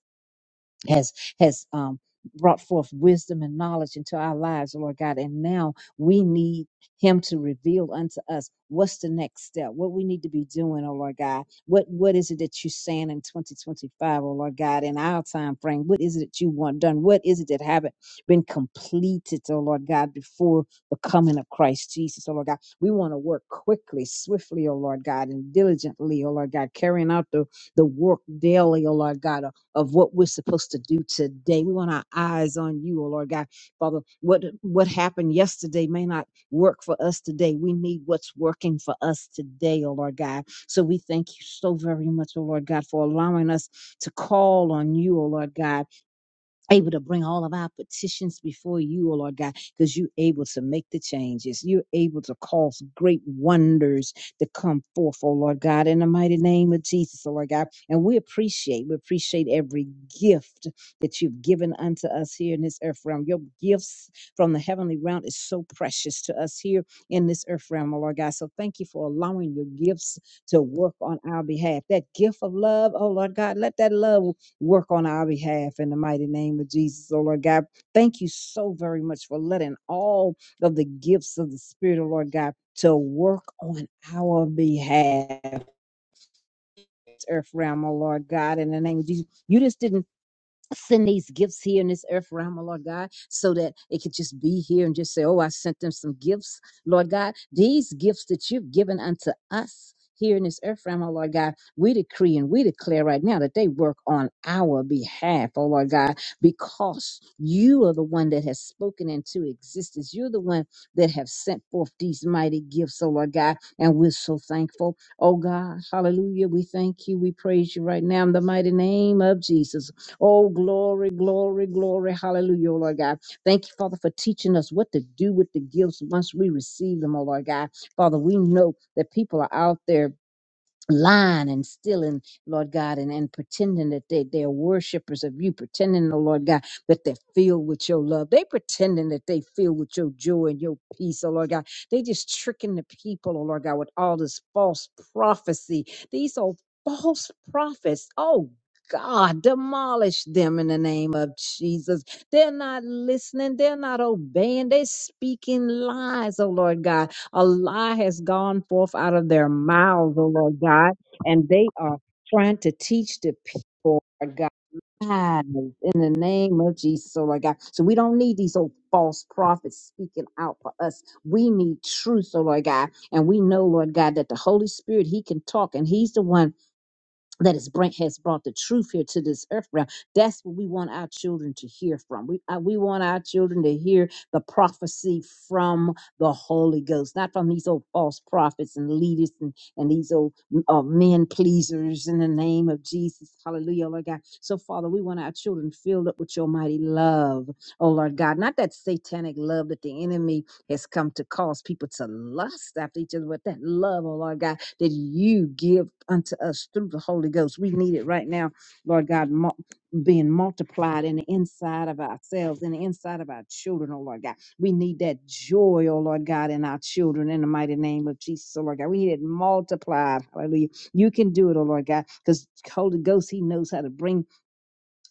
has has um, brought forth wisdom and knowledge into our lives, Lord God. And now we need Him to reveal unto us what's the next step, what we need to be doing, oh Lord God. What what is it that you're saying in 2025, O Lord God, in our time frame? What is it that you want done? What is it that haven't been completed, oh Lord God, before the coming of Christ Jesus, oh Lord God? We want to work quickly, swiftly, oh Lord God, and diligently, oh Lord God, carrying out the the work daily, oh Lord God of what we're supposed to do today. We want our eyes on you, oh Lord God. Father, what what happened yesterday may not work for us today. We need what's working for us today, oh Lord God. So we thank you so very much, oh Lord God, for allowing us to call on you, oh Lord God able to bring all of our petitions before you, O Lord God, because you're able to make the changes. You're able to cause great wonders to come forth, O Lord God, in the mighty name of Jesus, O Lord God. And we appreciate, we appreciate every gift that you've given unto us here in this earth realm. Your gifts from the heavenly realm is so precious to us here in this earth realm, O Lord God. So thank you for allowing your gifts to work on our behalf. That gift of love, oh Lord God, let that love work on our behalf in the mighty name of Jesus. Oh Lord God, thank you so very much for letting all of the gifts of the Spirit, oh Lord God, to work on our behalf, earth realm, oh Lord God, in the name of Jesus. You just didn't send these gifts here in this earth realm, oh Lord God, so that it could just be here and just say, Oh, I sent them some gifts, Lord God. These gifts that you've given unto us here in this earth realm, oh Lord God, we decree and we declare right now that they work on our behalf, oh Lord God, because you are the one that has spoken into existence. You're the one that have sent forth these mighty gifts, oh Lord God, and we're so thankful. Oh God, hallelujah. We thank you. We praise you right now in the mighty name of Jesus. Oh, glory, glory, glory. Hallelujah, oh Lord God. Thank you, Father, for teaching us what to do with the gifts once we receive them, oh Lord God. Father, we know that people are out there lying and stealing, Lord God, and, and pretending that they, they're worshipers of you, pretending, oh Lord God, that they're filled with your love. They pretending that they filled with your joy and your peace, oh Lord God. They just tricking the people, oh Lord God, with all this false prophecy. These are false prophets. Oh God, demolish them in the name of Jesus. They're not listening. They're not obeying. They're speaking lies, oh Lord God. A lie has gone forth out of their mouths, oh Lord God, and they are trying to teach the people, Lord God. lies In the name of Jesus, oh Lord God. So we don't need these old false prophets speaking out for us. We need truth, oh Lord God. And we know, Lord God, that the Holy Spirit, He can talk and He's the one that has bring, has brought the truth here to this earth realm. That's what we want our children to hear from. We uh, we want our children to hear the prophecy from the Holy Ghost, not from these old false prophets and leaders and, and these old uh, men pleasers. In the name of Jesus, Hallelujah, Lord God. So Father, we want our children filled up with Your mighty love, oh Lord God, not that satanic love that the enemy has come to cause people to lust after each other, but that love, oh Lord God that you give unto us through the Holy Ghost. We need it right now, Lord God, mul- being multiplied in the inside of ourselves, in the inside of our children, oh Lord God. We need that joy, oh Lord God, in our children in the mighty name of Jesus, oh Lord God. We need it multiplied. Hallelujah. You can do it, oh Lord God, because Holy Ghost, He knows how to bring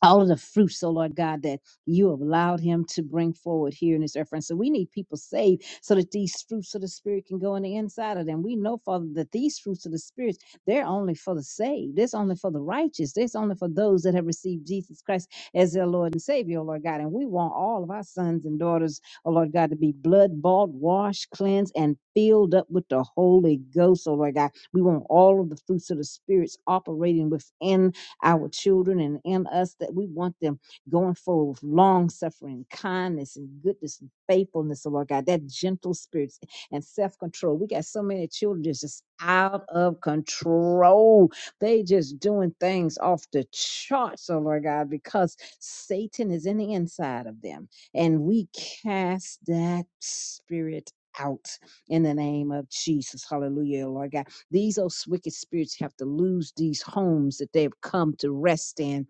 all of the fruits, oh Lord God, that you have allowed him to bring forward here in this earth. And so we need people saved so that these fruits of the spirit can go on the inside of them. We know, Father, that these fruits of the spirit, they're only for the saved. It's only for the righteous. It's only for those that have received Jesus Christ as their Lord and Savior, oh Lord God. And we want all of our sons and daughters, oh Lord God, to be blood bought, washed, cleansed, and filled up with the Holy Ghost, oh Lord God. We want all of the fruits of the spirits operating within our children and in us that we want them going forward with long suffering, kindness, and goodness and faithfulness, oh Lord God, that gentle spirit and self control. We got so many children that's just out of control. They just doing things off the charts, oh Lord God, because Satan is in the inside of them. And we cast that spirit out in the name of Jesus. Hallelujah, Lord God. These old wicked spirits have to lose these homes that they've come to rest in,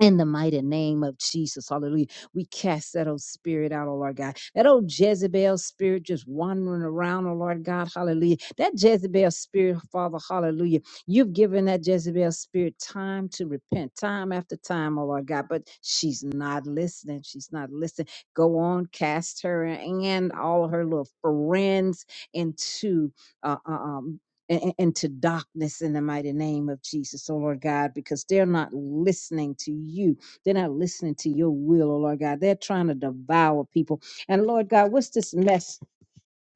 in the mighty name of Jesus. Hallelujah. We cast that old spirit out, oh Lord God. That old Jezebel spirit just wandering around, oh Lord God. Hallelujah. That Jezebel spirit, Father, hallelujah. You've given that Jezebel spirit time to repent, time after time, oh Lord God. But she's not listening. She's not listening. Go on, cast her and all her little friends into uh, uh, um, and, into darkness in the mighty name of Jesus, oh Lord God, because they're not listening to you. They're not listening to your will, oh Lord God. They're trying to devour people. And Lord God, what's this mess?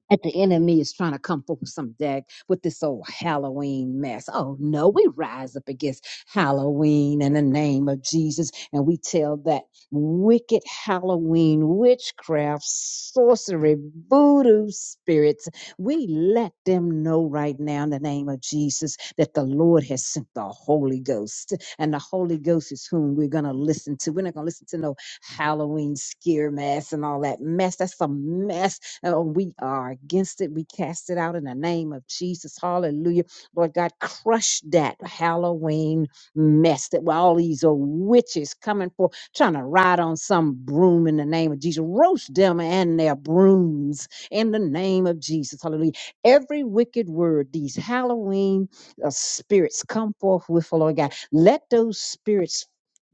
that the enemy is trying to come for some day with this old Halloween mess. Oh no, we rise up against Halloween in the name of Jesus, and we tell that wicked Halloween witchcraft, sorcery, voodoo spirits. We let them know right now in the name of Jesus that the Lord has sent the Holy Ghost, and the Holy Ghost is whom we're gonna listen to. We're not gonna listen to no Halloween scare mess and all that mess. That's a mess uh, we are against it. We cast it out in the name of Jesus. Hallelujah. Lord God, crush that Halloween mess that with all these old witches coming for, trying to ride on some broom in the name of Jesus. Roast them and their brooms in the name of Jesus. Hallelujah. Every wicked word, these Halloween uh, spirits come forth with, oh Lord God. Let those spirits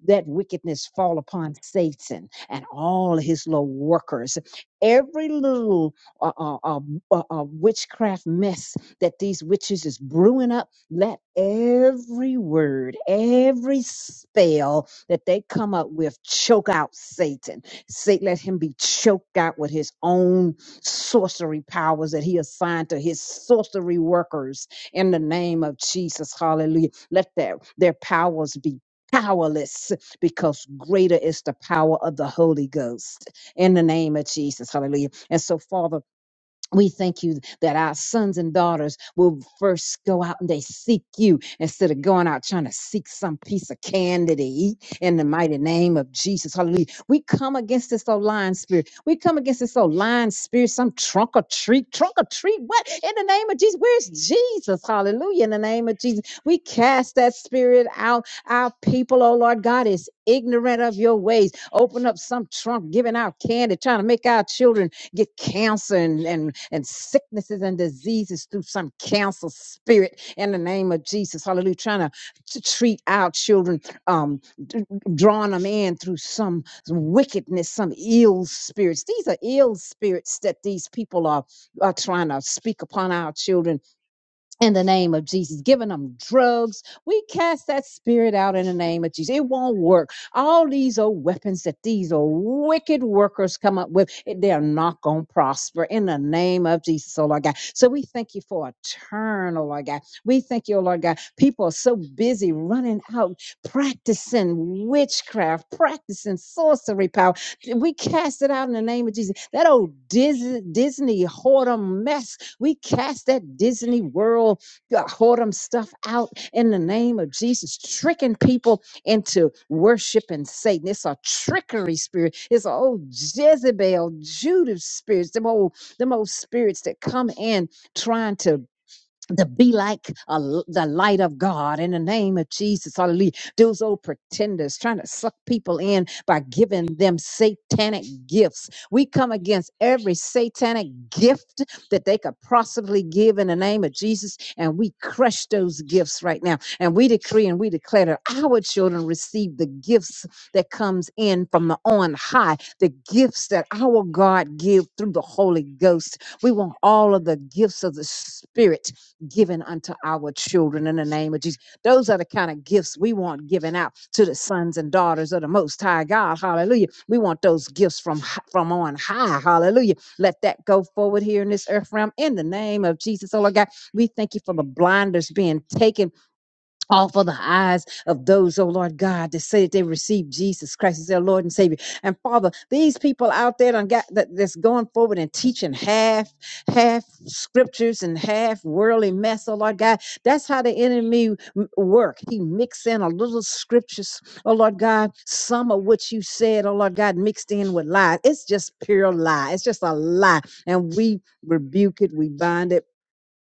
that wickedness fall upon Satan and all his little workers every little uh, uh, uh, uh, uh, witchcraft mess that these witches is brewing up, let every word, every spell that they come up with choke out Satan. Satan, let him be choked out with his own sorcery powers that he assigned to his sorcery workers in the name of Jesus. Hallelujah. Let their, their powers be powerless because greater is the power of the Holy Ghost in the name of Jesus. Hallelujah. And so, Father, we thank you that our sons and daughters will first go out and they seek you instead of going out trying to seek some piece of candy to eat in the mighty name of Jesus. Hallelujah. We come against this old lying spirit. We come against this old lying spirit, some trunk or treat, trunk or treat. What? In the name of Jesus. Where's Jesus? Hallelujah. In the name of Jesus. We cast that spirit out. Our people, oh Lord God, is ignorant of your ways. Open up some trunk, giving out candy, trying to make our children get cancer and, and, and sicknesses and diseases through some cancer spirit in the name of Jesus. Hallelujah. Trying to, to treat our children, um, d- drawing them in through some wickedness, some ill spirits. These are ill spirits that these people are, are trying to speak upon our children in the name of Jesus, giving them drugs. We cast that spirit out in the name of Jesus. It won't work. All these old weapons that these old wicked workers come up with, they're not going to prosper in the name of Jesus, oh Lord God. So we thank you for a turn, oh Lord God. We thank you, oh Lord God. People are so busy running out, practicing witchcraft, practicing sorcery power. We cast it out in the name of Jesus. That old Disney, Disney whoredom mess we cast that Disney World uh, whoredom stuff out in the name of Jesus, tricking people into worshiping Satan. It's a trickery spirit. It's a old Jezebel, Judas spirits, them old, them old spirits that come in trying to to be like a l the light of God in the name of Jesus. Hallelujah. Those old pretenders trying to suck people in by giving them satanic gifts. We come against every satanic gift that they could possibly give in the name of Jesus, and we crush those gifts right now. And we decree and we declare that our children receive the gifts that comes in from the on high, the gifts that our God give through the Holy Ghost. We want all of the gifts of the Spirit given unto our children in the name of Jesus. Those are the kind of gifts we want given out to the sons and daughters of the Most High God. Hallelujah. We want those gifts from h- from on high. Hallelujah. Let that go forward here in this earth realm in the name of Jesus. Oh Lord God, we thank you for the blinders being taken all for the eyes of those, oh Lord God, that say that they received Jesus Christ as their Lord and Savior. And Father, these people out there done got that that's going forward and teaching half, half scriptures and half worldly mess, oh Lord God. That's how the enemy m- work. He mix in a little scriptures, oh Lord God, some of what you said, oh Lord God, mixed in with lies. It's just pure lie. It's just a lie. And we rebuke it, we bind it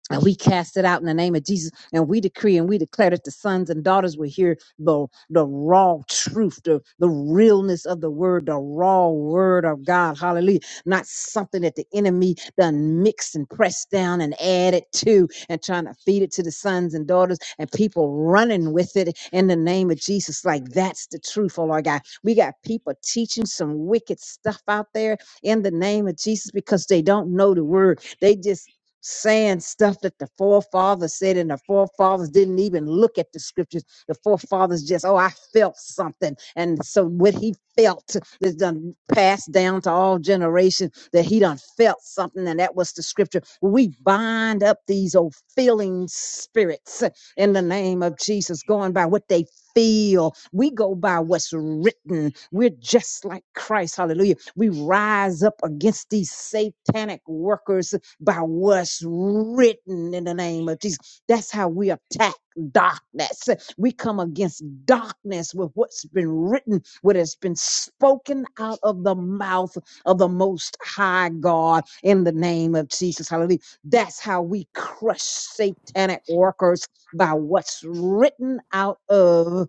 and we cast it out in the name of Jesus. And we decree and we declare that the sons and daughters will hear the, the raw truth, the, the realness of the word, the raw word of God. Hallelujah. Not something that the enemy done mix and press down and add it to and trying to feed it to the sons and daughters and people running with it in the name of Jesus. Like that's the truth, oh Lord God. We got people teaching some wicked stuff out there in the name of Jesus because they don't know the word. They just saying stuff that the forefathers said, and the forefathers didn't even look at the scriptures. The forefathers just, oh, I felt something. And so what he felt is done passed down to all generations that he done felt something, and that was the scripture. We bind up these old feeling spirits in the name of Jesus, going by what they feel. We go by what's written. We're just like Christ. Hallelujah. We rise up against these satanic workers by what's written in the name of Jesus. That's how we attack darkness. We come against darkness with what's been written, what has been spoken out of the mouth of the Most High God in the name of Jesus. Hallelujah. That's how we crush satanic workers by what's written out of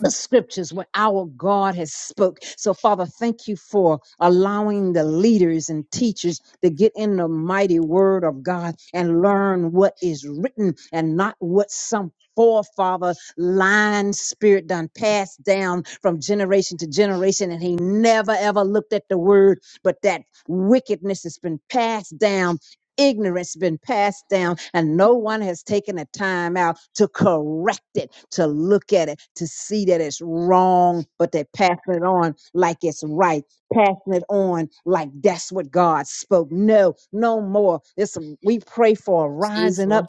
the scriptures where our God has spoke. So Father, thank you for allowing the leaders and teachers to get in the mighty word of God and learn what is written and not what some forefather line spirit done passed down from generation to generation and he never ever looked at the word but that wickedness has been passed down ignorance been passed down and no one has taken the time out to correct it to look at it to see that it's wrong but they're passing it on like it's right passing it on like that's what god spoke no no more this we pray for a
Excuse
rising up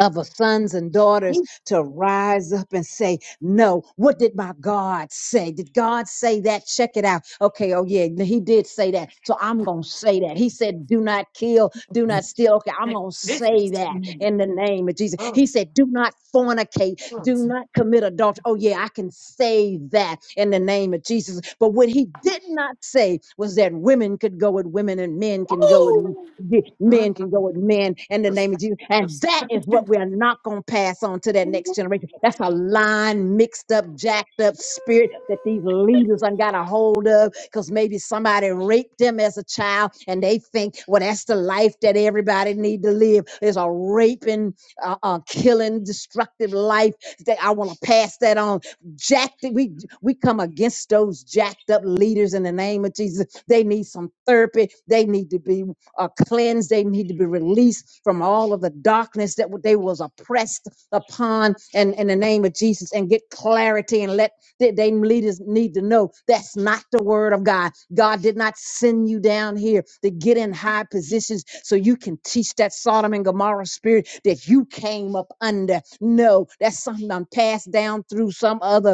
of our sons and daughters
me.
to rise up and say, No, what did my God say? Did God say that? Check it out. Okay, oh yeah, he did say that. So I'm going to say that. He said, Do not kill, do not steal. Okay, I'm going to
This
say
is.
that in the name of Jesus.
Oh,
He said, Do not fornicate, do
yes.
not commit adultery. Oh yeah, I can say that in the name of Jesus. But what he did not say was that women could go with women and men can go with
Woo!
Ye- Men can go
Mhm.
with men in the name of Jesus. And
That's-
that is what we are not going to pass on to that next generation. That's a line mixed up, jacked up spirit that these
that's-
leaders done got a hold of because maybe somebody raped them as a child and they think, well, that's the life that everybody need to live. It's a raping, uh, uh, killing, destructive life that I want to pass that on. Jacked, we, we come against those jacked up leaders in the name of Jesus. They need some therapy. They need to be uh, cleansed. They need to be released from all of the darkness that they was oppressed upon and in the name of Jesus and get clarity and let they, they leaders need to know that's not the word of God. God did not send you down here to get in high positions so you can teach that Sodom and Gomorrah spirit that you came up under. No, that's something I'm passed down through some other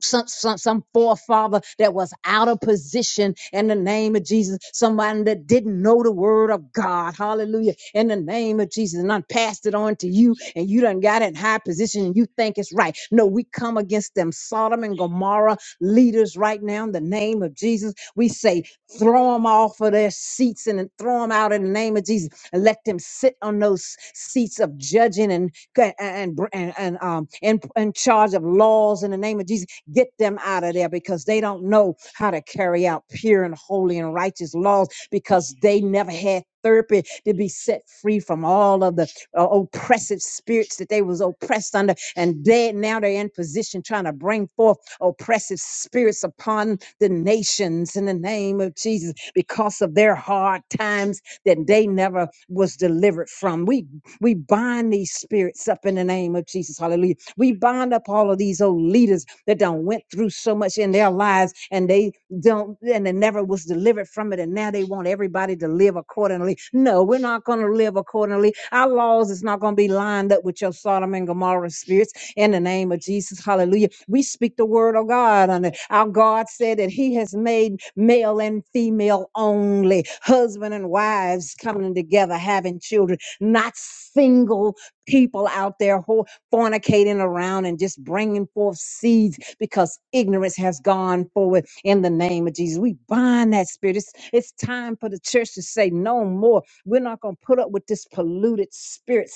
some, some some forefather that was out of position in the name of Jesus, somebody that didn't know the word of God. Hallelujah. In the name of Jesus. And I passed it on to you, and you done got in high position and you think it's right. No, we come against them Sodom and Gomorrah leaders right now in the name of Jesus. We say, throw them off of their seats and then throw them out in the name of Jesus and let them sit on those seats of judging and and and, and um in, in charge of laws in the name of Jesus Get them out of there because they don't know how to carry out pure and holy and righteous laws because they never had therapy to be set free from all of the uh, oppressive spirits that they was oppressed under and they now they're in position trying to bring forth oppressive spirits upon the nations in the name of jesus because of their hard times that they never was delivered from we we bind these spirits up in the name of jesus hallelujah we bind up all of these old leaders that done went through so much in their lives and they don't and they never was delivered from it and now they want everybody to live accordingly no we're not going to live accordingly our laws is not going to be lined up with your sodom and gomorrah spirits in the name of jesus hallelujah we speak the word of god on it our god said that he has made male and female only husband and wives coming together having children not single people out there who fornicating around and just bringing forth seeds because ignorance has gone forward in the name of Jesus. We bind that spirit. It's, it's time for the church to say no more. We're not going to put up with this polluted spirit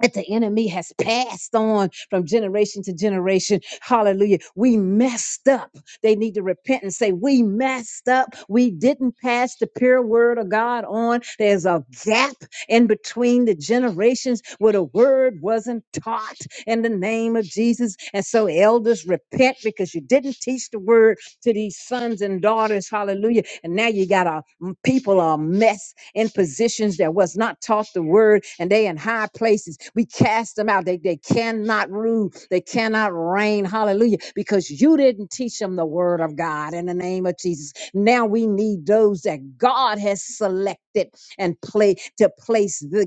that the enemy has passed on from generation to generation. Hallelujah. We messed up. They need to repent and say, We messed up. We didn't pass the pure word of God on. There's a gap in between the generations where the word wasn't taught in the name of Jesus. And so, elders, repent because you didn't teach the word to these sons and daughters. Hallelujah. And now you got a people are a mess in positions that was not taught the word and they in high places. We cast them out. They, they cannot rule. They cannot reign. Hallelujah. Because you didn't teach them the word of God in the name of Jesus. Now we need those that God has selected and play to place the,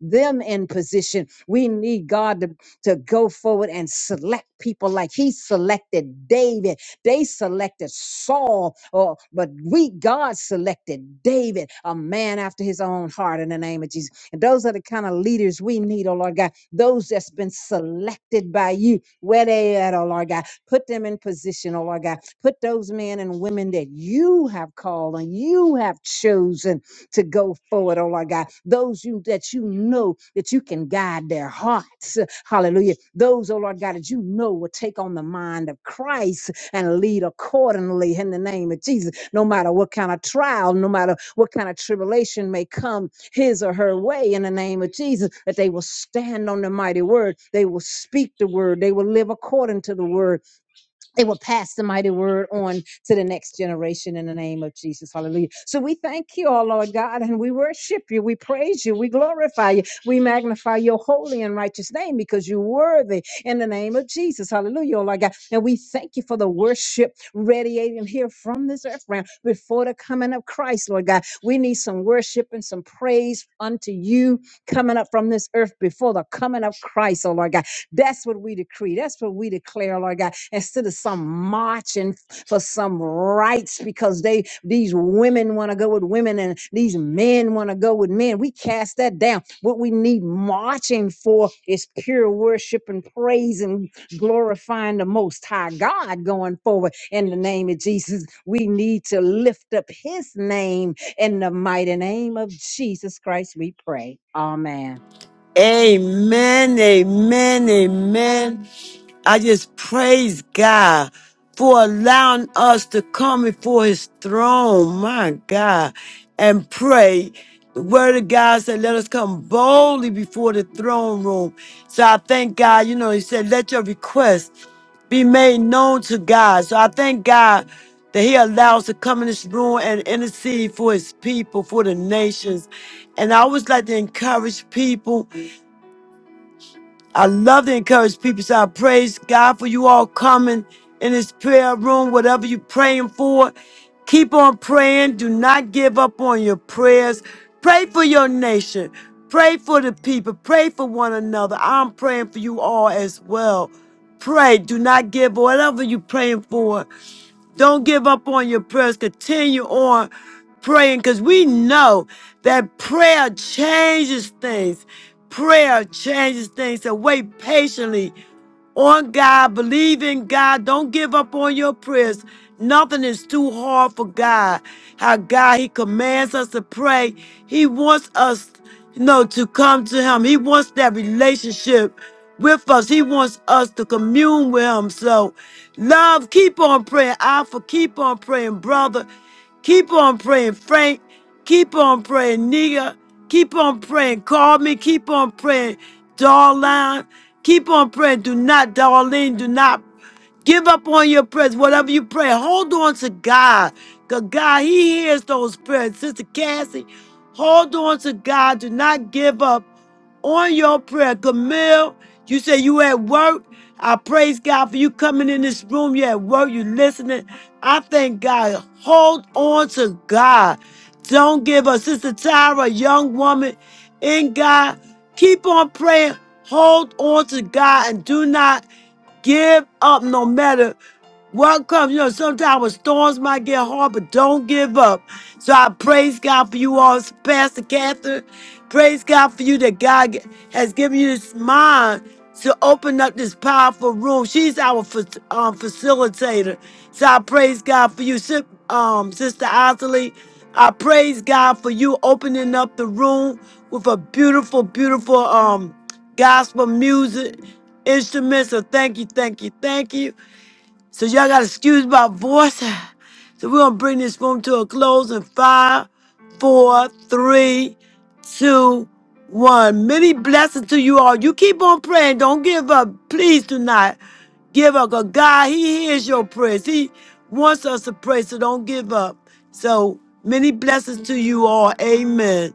them in position. We need God to, to go forward and select people like he selected David they selected Saul, or but we God selected David, a man after his own heart in the name of Jesus. And those are the kind of leaders we need, oh Lord God. Those that's been selected by you, where they at, oh Lord God. Put them in position, oh Lord God. Put those men and women that you have called and you have chosen to go forward, oh Lord God. Those you that you know that you can guide their hearts. Hallelujah. Those, oh Lord God, that you know will take on the mind of Christ and lead accordingly in the name of Jesus. No matter what kind of trial, no matter what kind of tribulation may come his or her way in the name of Jesus, that they will stand on the mighty word. They will speak the word. They will live according to the word it will pass the mighty word on to the next generation in the name of Jesus. Hallelujah. So we thank you, our Lord God, and we worship you. We praise you. We glorify you. We magnify your holy and righteous name because you're worthy in the name of Jesus. Hallelujah, oh Lord God. And we thank you for the worship radiating here from this earth realm before the coming of Christ, Lord God. We need some worship and some praise unto you coming up from this earth before the coming of Christ, oh Lord God. That's what we decree. That's what we declare, Lord God. Instead of some marching for some rights because they these women want to go with women and these men want to go with men. We cast that down. What we need marching for is pure worship and praise and glorifying the most high God going forward in the name of Jesus. We need to lift up his name in the mighty name of Jesus Christ. We pray. Amen.
Amen, amen, amen. I just praise God for allowing us to come before his throne, my God, and pray. The word of God said, let us come boldly before the throne room. So I thank God, you know, he said, let your requests be made known to God. So I thank God that he allows to come in this room and intercede for his people, for the nations. And I always like to encourage people. I love to encourage people. So I praise God for you all coming in this prayer room, whatever you're praying for. Keep on praying. Do not give up on your prayers. Pray for your nation. Pray for the people. Pray for one another. I'm praying for you all as well. Pray. Do not give whatever you're praying for. Don't give up on your prayers. Continue on praying because we know that prayer changes things. Prayer changes things. So wait patiently on God, believe in God. Don't give up on your prayers. Nothing is too hard for God. How God, He commands us to pray. He wants us, you know, to come to Him. He wants that relationship with us. He wants us to commune with Him. So, love, keep on praying. Alpha, keep on praying, brother. Keep on praying, Frank. Keep on praying, nigga. Keep on praying. Call me. Keep on praying, darling. Keep on praying. Do not, darling. Do not give up on your prayers. Whatever you pray, hold on to God. Because God, He hears those prayers. Sister Cassie, hold on to God. Do not give up on your prayer. Camille, you say you at work. I praise God for you coming in this room. You at work, you listening. I thank God. Hold on to God. Don't give up. Sister Tyra, a young woman in God. Keep on praying. Hold on to God and do not give up no matter Welcome. You know, sometimes storms might get hard, but don't give up. So I praise God for you all, Pastor Catherine. Praise God for you that God g- has given you this mind to open up this powerful room. She's our fac- um, facilitator. So I praise God for you, Sis- um, Sister Osley. I praise God for you opening up the room with a beautiful, beautiful um, gospel music instruments. So thank you, thank you, thank you. So y'all gotta excuse my voice. So we're gonna bring this room to a close in five, four, three, two, one. Many blessings to you all. You keep on praying. Don't give up. Please do not give up. 'Cause God, He hears your prayers. He wants us to pray, so don't give up. So many blessings to you all. Amen.